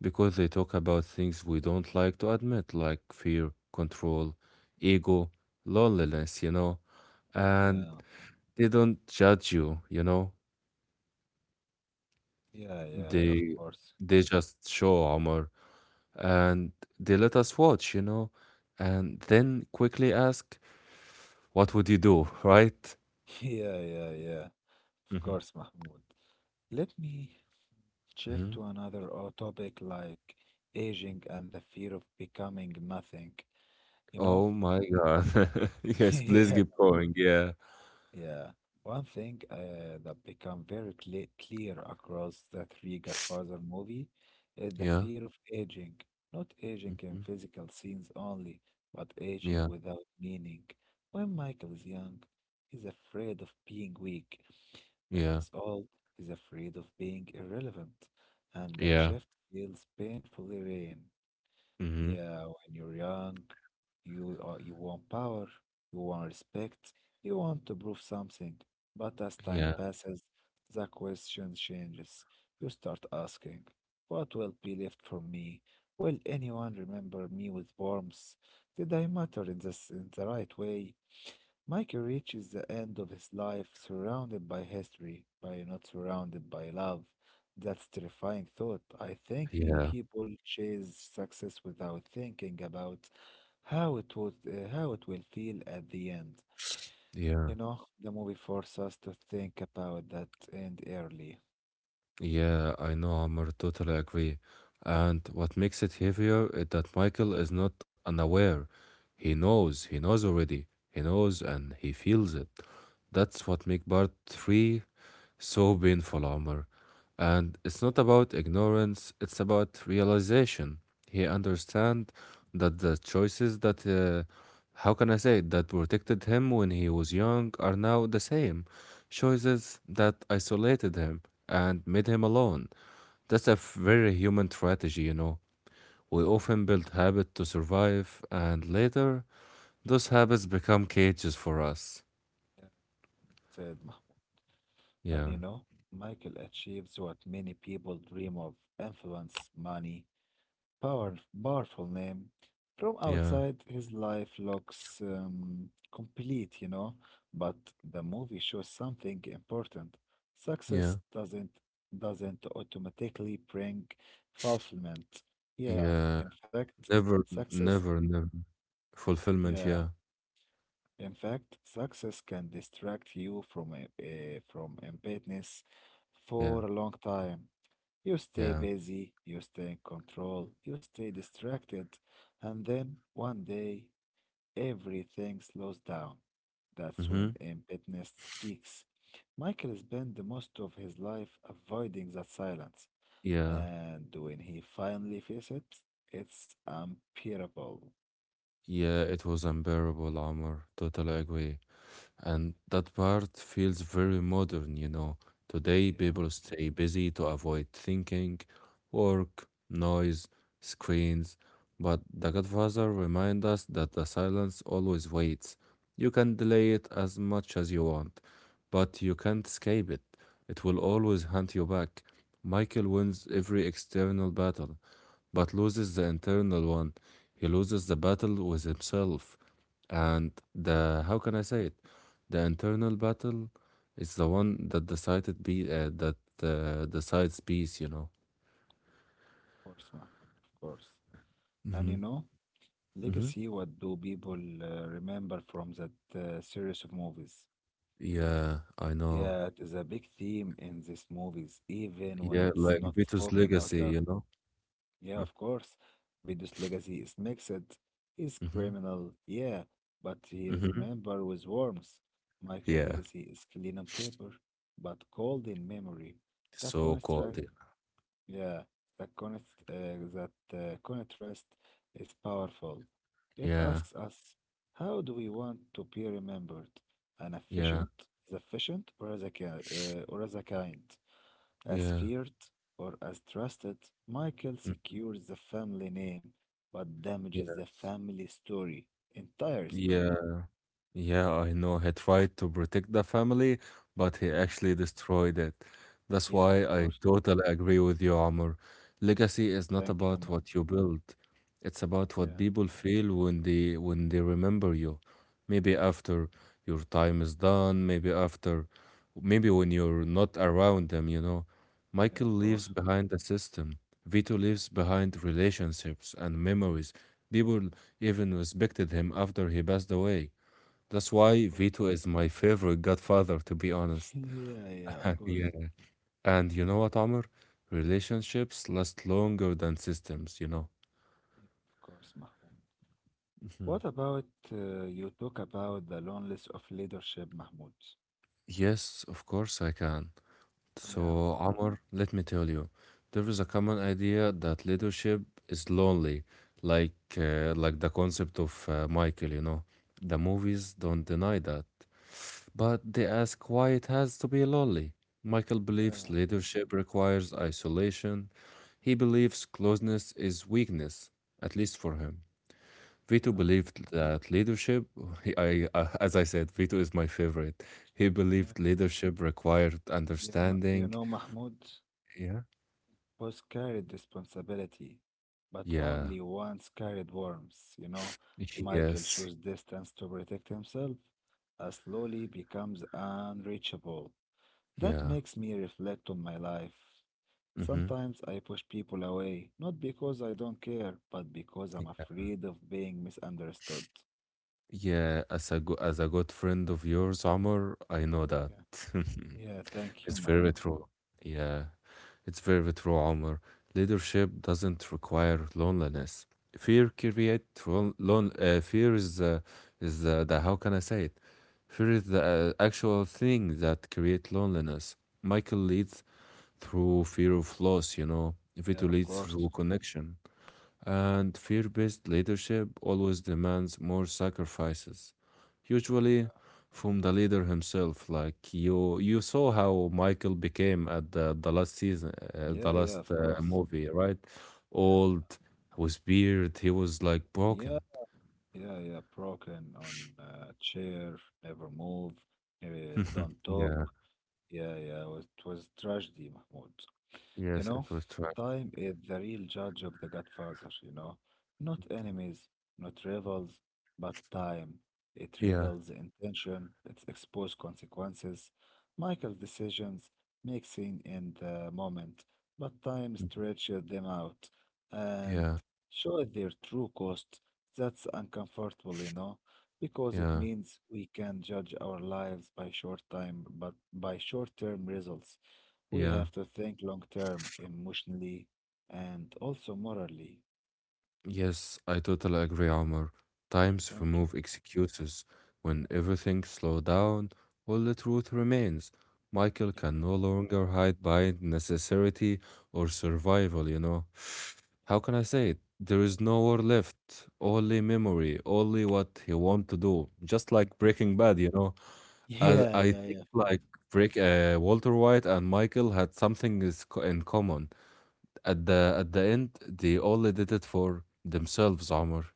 S2: because they talk about things we don't like to admit, like fear, control, ego, loneliness. And
S1: Yeah,
S2: they don't judge you, you know.
S1: yeah, yeah, yeah, of
S2: They
S1: course.
S2: they just show Omar, and they let us watch, and then quickly ask, "What would you do?" Right?
S1: Yeah, yeah, yeah, yeah. Of
S2: Mhm.
S1: course, Mahmoud. Let me shift
S2: Mhm.
S1: to another topic like aging and the fear of becoming nothing. You know?
S2: Oh my God. Yes, please
S1: Yeah.
S2: keep going. Yeah.
S1: Yeah. One thing that become very clear across the three Godfather movie is the
S2: Yeah.
S1: fear of aging. Not aging in
S2: Mhm.
S1: physical scenes only, but aging
S2: Yeah.
S1: without meaning. When Michael is young, he's afraid of being weak. When
S2: Yeah.
S1: he's old, he's afraid of being irrelevant, and that
S2: Yeah.
S1: shift feels painfully real.
S2: Mhm.
S1: Yeah, when you're young, you want power, you want respect, you want to prove something. But as time
S2: Yeah.
S1: passes, the question changes. You start asking, what will be left for me? Will anyone remember me with warmth? Did I matter in this in the right way? Mikey reaches the end of his life surrounded by history, by not surrounded by love. That's terrifying thought. I think many
S2: Yeah.
S1: people chase success without thinking about how it will feel at the end.
S2: Yeah.
S1: You know, the movie forces us to think about that end early.
S2: Yeah, I know, Amr, totally agree. And what makes it heavier is that Michael is not unaware. He knows already. He knows and he feels it. That's what makes part three so painful, Omar. And it's
S1: Yeah,
S2: not about ignorance, it's about realization. He
S1: yeah,
S2: understand that the choices that, how can I say, it, that protected him when he was young are now the same choices that isolated him and made him alone. That's a very human strategy. We often build habit to survive, and later those habits become cages for us.
S1: yeah. Said Ma- And
S2: Yeah,
S1: you know, Michael achieves what many people dream of: influence, money, Power, powerful name. From
S2: yeah,
S1: outside, his life looks complete, you know, but the movie shows something important.
S2: yeah,
S1: Success doesn't automatically bring fulfillment. Yeah,
S2: yeah.
S1: in fact,
S2: Never, n-
S1: success,
S2: never, never. Fulfillment,
S1: yeah,
S2: yeah,
S1: in fact, success can distract you from from emptiness
S2: yeah,
S1: for a long time. You stay
S2: yeah.
S1: busy, you stay in control, you stay distracted, and then one day everything slows down. That's
S2: Mm-hmm.
S1: when emptiness speaks. Michael spent the most of his life avoiding that silence,
S2: Yeah,
S1: and when he finally faces it, it's unbearable.
S2: yeah, it was unbearable, Amr. Totally agree. And that part feels very modern. Today,
S1: Yeah,
S2: people stay busy to avoid thinking, work, noise, screens. But The Godfather reminds us that the silence always waits. You can delay it as much as you want, but you can't escape it. It will always hunt you back. Michael wins every external battle but loses the internal one. He loses the battle with himself.
S1: yeah,
S2: And the, how
S1: of
S2: can I say it? The internal battle is the one that decided be that decides peace.
S1: course, Mahmoud, of course. And
S2: Hmm.
S1: you know,
S2: Hmm.
S1: legacy, what do people remember from that series of movies?
S2: Yeah, I know.
S1: Yeah, it is a big theme in these movies, even when
S2: Yeah,
S1: it's
S2: like
S1: not
S2: Vito's
S1: spoken out
S2: legacy,
S1: loud.
S2: you know.
S1: Yeah, of course. Bidu's legacy is mixed. He's
S2: Mm-hmm.
S1: criminal, yeah, but he is
S2: Mm-hmm.
S1: remembered with warmth. Michael's
S2: Yeah.
S1: legacy is clean on paper, but cold in memory. That
S2: So
S1: contrast
S2: called. Yeah.
S1: yeah, the const, that contrast is powerful. It
S2: Yeah.
S1: asks us, how do we want to be remembered? An
S2: Yeah.
S1: efficient, as efficient, or as a kind, as
S2: Yeah.
S1: feared, or as trusted? Michael
S2: Mm.
S1: secures the family name, but damages the
S2: Yes.
S1: family story, entire
S2: Yeah.
S1: story.
S2: Yeah, I know. He tried to protect the family, but he
S1: Yeah,
S2: actually destroyed it. That's
S1: yeah,
S2: why
S1: of
S2: I
S1: course.
S2: totally agree with you, Amr. Legacy
S1: Yeah,
S2: is not
S1: thank you,
S2: about
S1: ma.
S2: what you build. It's about what
S1: Yeah,
S2: people feel when they remember you. Maybe
S1: yeah,
S2: after your time is done, maybe when you're not around them.
S1: yeah,
S2: Michael
S1: of
S2: leaves
S1: course.
S2: behind a system. Vito leaves behind relationships and memories. People even respected him after he passed away. That's
S1: Yeah,
S2: why
S1: of course.
S2: Vito is my favorite godfather, to be honest.
S1: Yeah, yeah, of course.
S2: Yeah. And you know what, Amr? Relationships last longer than systems.
S1: Yep, of course, Mahmoud.
S2: Mhm.
S1: What about you talk about the loneliness of leadership, Mahmoud?
S2: Yes, of course I can. So,
S1: Yeah,
S2: Amr, let me tell you, there is a common idea that leadership is lonely, like the concept of Michael. The movies don't deny that. But they ask why it has to be lonely. Michael believes
S1: yeah,
S2: leadership requires isolation. He believes closeness is weakness, at least for him. Vito
S1: yeah,
S2: believed that leadership, as I said, Vito is my favorite. He
S1: yeah.
S2: believed leadership required
S1: You
S2: understanding.
S1: know, Mahmoud,
S2: Yeah.
S1: both carried responsibility, but
S2: Yeah.
S1: only once carried worms. You know, Michael
S2: Yes.
S1: chose distance to protect himself, slowly becomes unreachable. That
S2: Yeah.
S1: makes me reflect on my life.
S2: Mm-hmm.
S1: Sometimes I push people away, not because I don't care, but because I'm afraid of being misunderstood.
S2: Yeah, as a good friend of yours, Omar, I know that.
S1: Yeah. Yeah, thank you,
S2: It's very
S1: Mahmoud.
S2: true. Yeah. It's very true, Omar. Leadership doesn't require loneliness. Fear creates fear is the how can I say it? Fear is the actual thing that creates loneliness. Michael leads through fear of loss, you know.
S1: Yeah,
S2: Vito
S1: of
S2: leads
S1: course.
S2: through connection. And fear based leadership always demands more sacrifices, usually
S1: Yeah.
S2: from the leader himself. Like you saw how Michael became at the last season, the
S1: Yeah, yeah,
S2: last
S1: of course.
S2: movie, right?
S1: Yeah, yeah.
S2: Old, was beard, he was like
S1: Yeah,
S2: broken.
S1: yeah, yeah. Broken on a chair, never move, don't talk.
S2: Yeah,
S1: Yeah, yeah, it was tragedy, Mahmoud. You
S2: yes, it
S1: know,
S2: was tragic.
S1: time is the real judge of the Godfather, you know. Not enemies, not rivals, but time. It
S2: Yeah.
S1: reveals intention, it exposes consequences. Michael's decisions make sense in the moment, but time
S2: Mm.
S1: stretches them out and
S2: Yeah,
S1: shows their true cost. That's uncomfortable, you know, because it
S2: yeah,
S1: means we can judge our lives by short time, but by short-term results. We
S2: yeah.
S1: have to think long term, emotionally, and also morally.
S2: Yes, I totally agree, Omar. Times
S1: Thank you.
S2: remove excuses. When everything slows down, all the truth remains. Michael
S1: Yeah.
S2: can no longer hide behind necessity or survival, you know. How can I say it? There is no war left, only memory, only what he want to do. Just like
S1: Y-
S2: Breaking Bad, you know. I,
S1: Yeah,
S2: I
S1: yeah,
S2: think
S1: yeah, of course.
S2: like Walter White and Michael had in common. At the end, they only did it for themselves, Omar.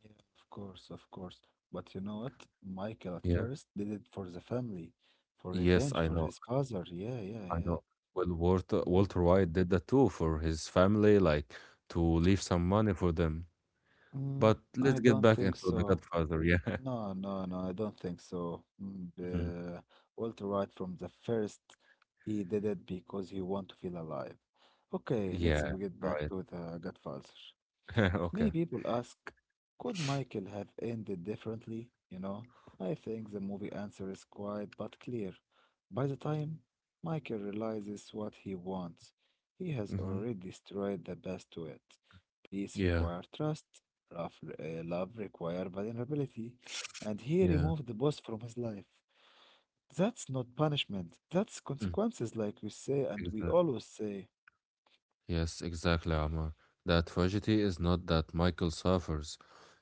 S1: Yeah, of course, of course. But you know what? Michael at
S2: Yeah.
S1: first did it for the family, for
S2: Yes,
S1: revenge
S2: I
S1: for
S2: know.
S1: his father. Yeah, yeah,
S2: I
S1: yeah,
S2: know. Well, Walter
S1: yeah.
S2: Walter White did that too for his family, like to leave some money for them.
S1: Mm,
S2: But
S1: I
S2: let's get
S1: don't
S2: back
S1: think
S2: into The
S1: so.
S2: Godfather. Yeah.
S1: No, no, no, I don't think so.
S2: Mhm.
S1: Walter White from the first, he did it because he want to feel alive. Okay, let's
S2: Yeah.
S1: get
S2: All
S1: back
S2: right.
S1: to the Godfather. Many
S2: Okay.
S1: people ask, could Michael have ended differently? You know, I think the movie answer is quiet but clear. By the time Michael realizes what he wants, he has
S2: Hmm.
S1: already destroyed the best to it. Peace
S2: Yeah.
S1: requires trust, love requires vulnerability, and he
S2: Yeah.
S1: removed the boss from his life. That's not punishment, that's
S2: Mm.
S1: consequences, like we say and we
S2: Exactly.
S1: always say.
S2: Yes, exactly, Amr. The tragedy is not that Michael suffers.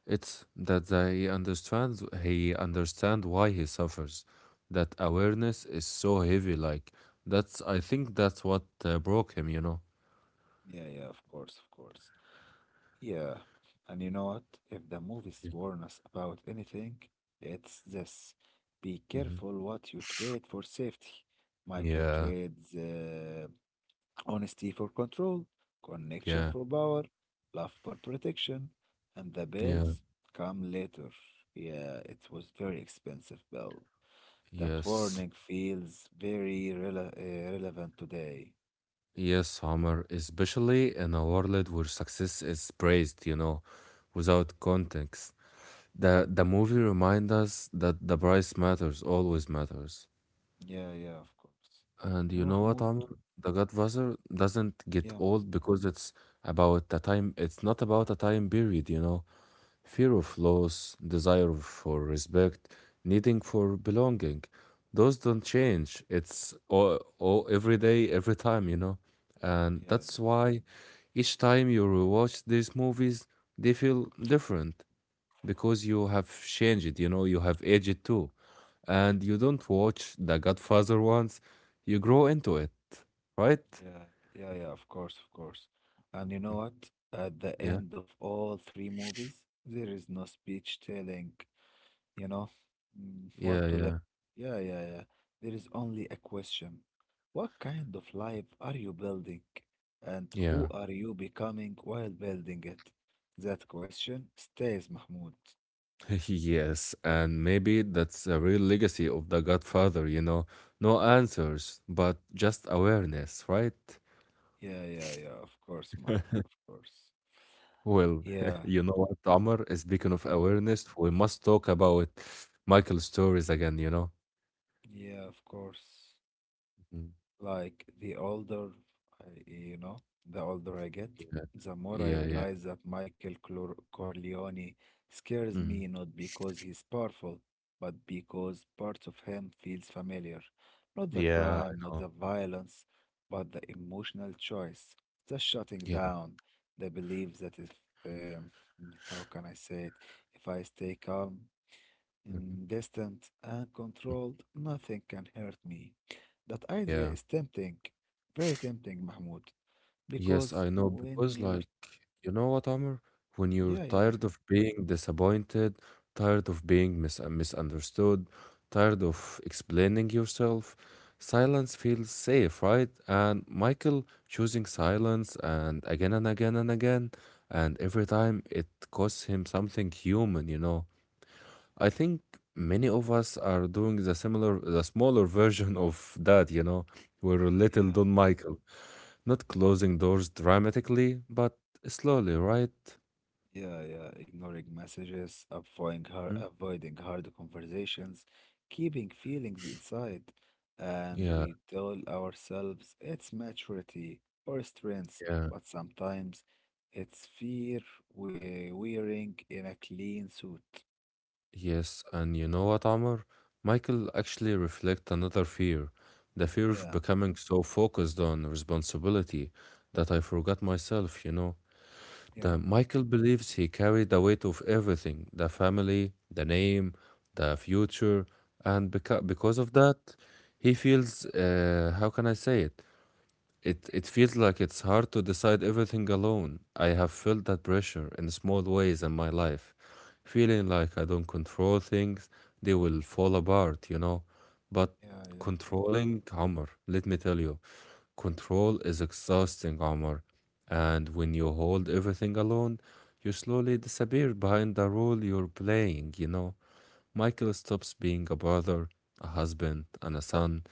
S2: It's that they understands he understand why he suffers. That awareness is so heavy, like that's I think that's what broke him, you know.
S1: Yeah, yeah, of course, of course. Yeah, and you know what? If the movie's
S2: Yeah.
S1: warn us about anything, it's this. Be
S2: Hmm.
S1: careful what you trade for safety. Michael
S2: Yeah,
S1: trades honesty for control, connection
S2: yeah,
S1: for power, love for protection, and the
S2: yeah.
S1: bells come later. Yeah, it was very expensive bell. That
S2: Yes.
S1: warning feels very rele relevant today.
S2: Yes, Homer, especially in a world where success is praised, you know, without context. The movie reminds us that the price matters, always matters.
S1: Yeah, yeah, of course.
S2: And
S1: You
S2: you
S1: know,
S2: know what,
S1: Mahmoud,
S2: Amr? The Godfather doesn't get
S1: yeah,
S2: old because it's about a time, it's not about a time period, you know.
S1: yeah,
S2: Fear of loss, desire for respect, needing for belonging. Those don't change. It's all every day, every time, you know. And
S1: yeah, yeah,
S2: that's
S1: of course.
S2: why each time you rewatch these movies, they feel different because you have changed, you know, you have aged too
S1: Yeah.
S2: and you don't watch The Godfather once, you grow into it, right?
S1: Yeah, yeah, yeah, of course, of course. And you know
S2: Mm.
S1: what? At the
S2: Yeah,
S1: end of all three movies, there is no speech telling, you know, mm,
S2: yeah,
S1: what to live.
S2: yeah,
S1: Yeah, yeah, yeah. There is only a question. What kind of life are you building? And
S2: yeah.
S1: who are you becoming while building it? That question stays, Mahmoud.
S2: Yes, and maybe that's a real legacy of The Godfather, you know. No answers, but just awareness, right?
S1: Yeah, yeah, yeah, of course, Mahmoud, of course.
S2: Well,
S1: Yeah,
S2: you know what, Amr? Speaking of
S1: yeah,
S2: awareness, we must talk about Michael's stories again, you know?
S1: yeah, of course.
S2: Mhm.
S1: Like the older I, you know, the older I get,
S2: Yeah,
S1: the more I
S2: yeah, yeah.
S1: realize that Michael Clor Corleone scares
S2: Mhm.
S1: me not because he's powerful, but because parts of him feels familiar. Not the
S2: Yeah, I
S1: crime, not
S2: know.
S1: the violence, but the emotional choice, the shutting
S2: Yeah.
S1: down, the belief that if, um, how can I say it, if I stay calm
S2: Mhm.
S1: and distant and
S2: Mm.
S1: controlled, nothing can hurt me. That idea
S2: Yeah.
S1: is tempting, very tempting, Mahmoud,
S2: Yes,
S1: because
S2: I know
S1: when
S2: because
S1: you're,
S2: like you know what, Amr? When you're
S1: yeah, yeah,
S2: tired of being disappointed, tired of being misunderstood, tired of explaining yourself, silence feels safe, right? And Michael choosing silence and again and again and again, and every time it costs him something human, you know. I think many of us are doing the similar, the smaller version of that, you know. We're little
S1: yeah,
S2: Don Michael, not closing doors dramatically, but slowly, right?
S1: yeah, yeah, ignoring messages, avoiding hard,
S2: Mm.
S1: avoiding hard conversations, keeping feelings inside, and
S2: Yeah,
S1: we tell ourselves it's maturity or strength,
S2: yeah,
S1: but sometimes it's fear we wearing in a clean suit.
S2: yes. And you know what, Amr? Michael actually reflects another fear, the fear of
S1: Yeah,
S2: becoming so focused on responsibility that I forgot myself, you know. That
S1: yeah,
S2: Michael believes he carried the weight of everything, the family, the name, the future, and because of that, he feels, how can I say it? It feels like it's hard to decide
S1: yeah,
S2: everything alone. I have felt that pressure in small ways in my life, feeling like I don't control things, they will fall apart, you know. But
S1: yeah, yeah,
S2: controlling Omar, let me tell you, control is exhausting, Omar. And when you hold everything alone, you slowly disappear behind the role you're playing, you know. Michael stops being a brother, a husband, and a son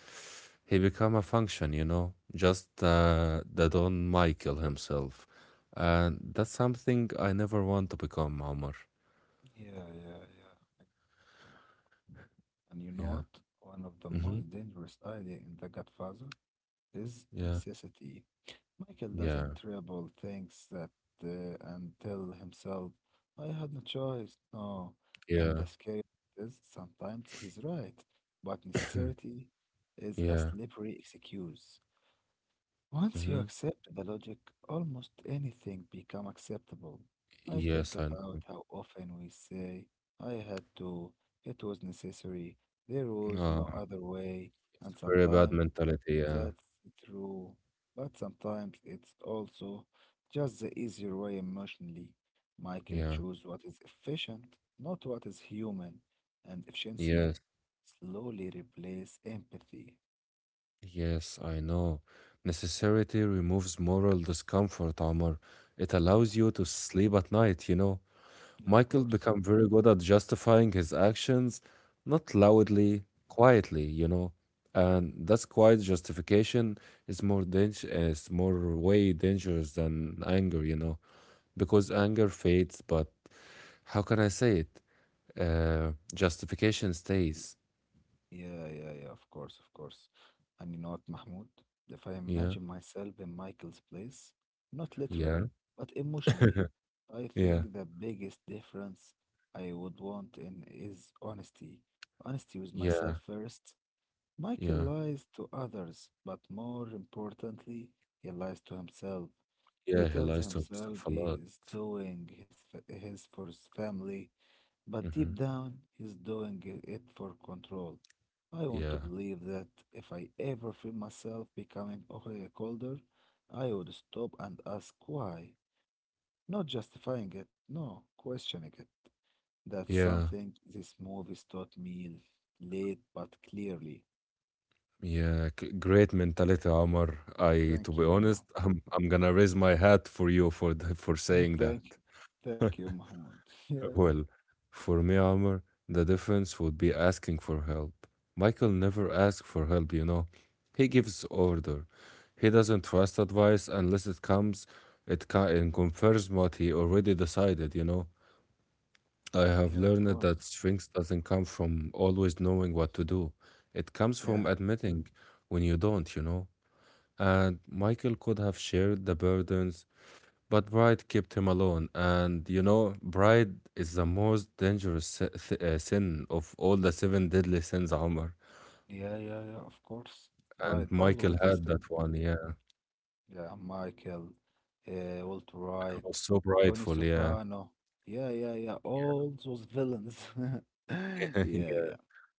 S2: he become a function, you know, just the Don Michael himself. And that's something I never want to become, Omar.
S1: yeah, yeah, yeah. I agree with you, Mahmoud. And you know
S2: Yeah.
S1: what? One of the
S2: Mm-hmm.
S1: most dangerous idea in The Godfather is
S2: Yeah.
S1: necessity. Michael doesn't
S2: Yeah.
S1: tremble, thinks that, and tell himself, I had no choice, no. And the
S2: Yeah.
S1: scary part is sometimes he's right, but necessity is a
S2: Yeah.
S1: slippery excuse. Once you
S2: Mm-hmm.
S1: accept the logic, almost anything become acceptable. I think
S2: Yes, I
S1: about how often we say, I had to, it was necessary, there was
S2: uh,
S1: no other way,
S2: it's
S1: and
S2: very bad
S1: sometimes
S2: mentality. Yeah.
S1: that's true, but sometimes it's also just the easier way emotionally. Michael
S2: Yeah.
S1: choose what is efficient, not what is human, and efficiency
S2: Yes.
S1: slowly replace empathy.
S2: Yes, I know. Necessity removes moral discomfort, Omar. It allows
S1: Yeah,
S2: you to sleep at night, you know.
S1: yeah, of
S2: Michael
S1: course.
S2: became very good at justifying his actions, not
S1: Yeah.
S2: loudly, quietly, you know. And that's quiet justification is is more way dangerous than anger, you know, because anger fades, but how can I say it? Justification stays.
S1: Yeah, yeah, yeah, of course, of course. And you know what, Mahmoud? If I
S2: Yeah,
S1: imagine myself in Michael's place, not
S2: yeah,
S1: literally, but emotionally, I think
S2: yeah,
S1: the biggest difference I would want in is honesty. Honesty with myself
S2: yeah,
S1: first. Michael
S2: yeah,
S1: lies to others, but more importantly, he lies to himself. He
S2: yeah. He
S1: tells
S2: lies to
S1: himself
S2: himself a
S1: he
S2: lot.
S1: is doing his fa- his for his family, but
S2: Hmm.
S1: deep down, he's doing it for control. I want to
S2: Yeah,
S1: believe that if I ever feel myself becoming okay, colder, I would stop and ask why. Not justifying it, no, questioning it. That's
S2: yeah.
S1: something this movie's taught me late but clearly.
S2: Yeah, great mentality, Omar. I, to
S1: Thank
S2: be
S1: you, Mahmoud.
S2: honest, I'm gonna raise my hat for you for for saying that.
S1: Thank, thank you, Mahmoud. Yeah,
S2: Well, for me, Omar, the difference would be asking for help. Michael never asks for help, you know. He gives order. He doesn't trust advice unless it comes, and confirms what he already decided, you know. I have
S1: yeah, of
S2: learned
S1: course.
S2: that strength doesn't come from always knowing what to do. It comes
S1: Yeah,
S2: from admitting when you don't, you know. And Michael could have shared the burdens, but pride kept him alone. And you know, pride is the most dangerous sin of all the seven deadly sins, Omar.
S1: yeah, yeah, yeah, yeah, of course. Right,
S2: And Michael
S1: always the
S2: had
S1: same.
S2: that one, yeah.
S1: Yeah, Michael, Walter
S2: Michael was
S1: White,
S2: so
S1: Tony
S2: prideful, yeah.
S1: Soprano. Yeah, yeah, yeah. All those villains. Yeah,
S2: Yeah.
S1: yeah.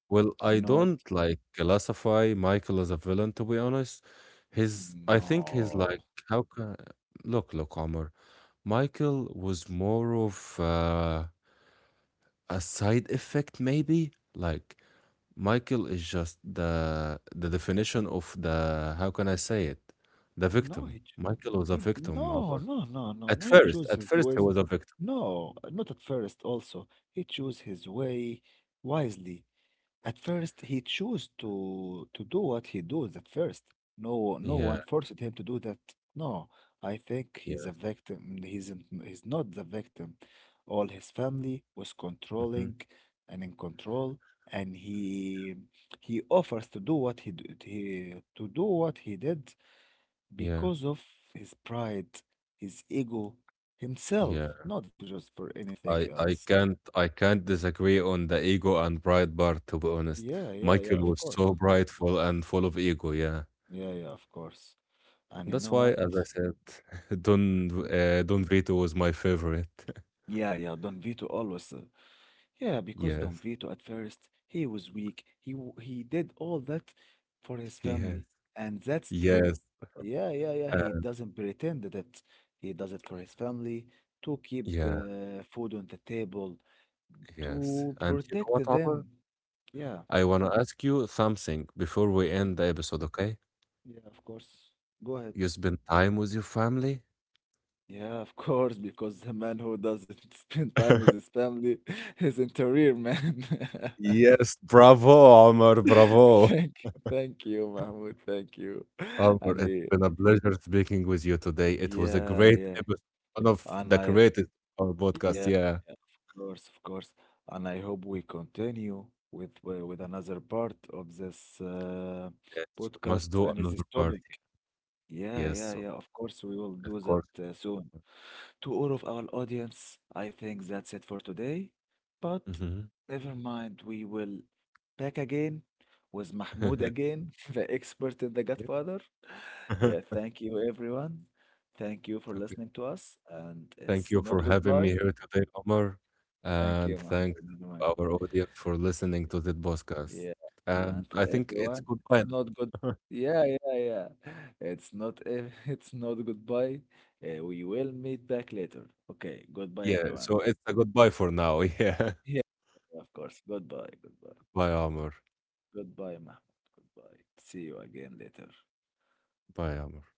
S2: Well,
S1: You
S2: I
S1: know what?
S2: don't like classify Michael as a villain, to be honest. His, I think he's
S1: No.
S2: like, how can, look, look, Omar. Michael was more of a side effect, maybe. Like, Michael is just the definition of the how can I say it? The
S1: No,
S2: victim.
S1: he, ch-
S2: Michael was a
S1: he
S2: victim,
S1: no,
S2: Omar.
S1: no, no, no, no. He chose
S2: At
S1: his
S2: first he
S1: ways.
S2: was a victim.
S1: No, not at first also. He chose his way wisely. At first, he chose to do what he does at first. No, no
S2: Yeah,
S1: one forced him to do that. No, I think he's
S2: yeah,
S1: a victim. He's not the victim. All his family was
S2: hmm,
S1: controlling and in control, and he offers to do what he d- he to do what he did
S2: yeah,
S1: because of his pride, his ego, himself,
S2: yeah.
S1: not just for anything
S2: I
S1: else.
S2: can't I can't disagree on the ego and pride part. To be honest,
S1: Yeah, yeah, yeah.
S2: Michael
S1: Of
S2: was
S1: course.
S2: so prideful and full of ego. Yeah,
S1: Yeah, yeah. Of course. And you
S2: that's
S1: know
S2: why,
S1: what?
S2: as I said, Don Don Vito was my favorite.
S1: Yeah, yeah, Don Vito always. Yeah, because
S2: Yes,
S1: Don Vito at first he was weak. He did all that for his
S2: yes,
S1: family, and that's true.
S2: yes.
S1: Yeah, yeah, yeah. He
S2: Uh,
S1: doesn't pretend that he does it for his family to keep
S2: yeah,
S1: food on the table,
S2: yes.
S1: to
S2: And you know
S1: protect
S2: what,
S1: them.
S2: Omar?
S1: Yeah,
S2: I want to ask you something before we
S1: mm,
S2: end the episode, okay?
S1: yeah, of course. Go ahead.
S2: You spend time with your family?
S1: Yeah, of course, because the man who doesn't spend time with his family isn't a real man.
S2: Yes, bravo.
S1: Thank you, Mahmoud. Thank you.
S2: Omar,
S1: And
S2: it's
S1: he-
S2: been a pleasure speaking with you today. It was a
S1: yeah,
S2: great
S1: yeah,
S2: episode, one of
S1: and
S2: the
S1: I,
S2: greatest of our podcast.
S1: yeah,
S2: Yeah.
S1: yeah, of course, of course. And I hope we continue with another part of this
S2: Yes, we
S1: podcast
S2: must do
S1: and this
S2: another part.
S1: topic. Yeah, yeah,
S2: Yes,
S1: yeah, of course, we will
S2: of
S1: do that
S2: course.
S1: soon. To all of our audience, I think that's it for today. But
S2: Hmm.
S1: never mind, we will back again with Mahmoud again, the expert in The Godfather. Yeah, thank you, everyone. Thank you for
S2: Okay.
S1: listening to us. And
S2: Thank
S1: it's
S2: you for
S1: not
S2: having me
S1: goodbye.
S2: here today, Omar.
S1: Thank you,
S2: And
S1: Mahmoud.
S2: thanks
S1: Never
S2: to
S1: mind.
S2: our audience for listening to this podcast.
S1: Yeah.
S2: And
S1: And for
S2: I think it's
S1: everyone, it's
S2: goodbye
S1: not good.
S2: now.
S1: Yeah, yeah, yeah. It's not ev- it's not goodbye. We will meet back later. Okay, goodbye
S2: Yeah,
S1: everyone.
S2: so it's a goodbye for now. Yeah.
S1: Yeah, of course. Goodbye, goodbye.
S2: Bye, Omar.
S1: Goodbye, Mahmoud. Goodbye. See you again later.
S2: Bye, Omar.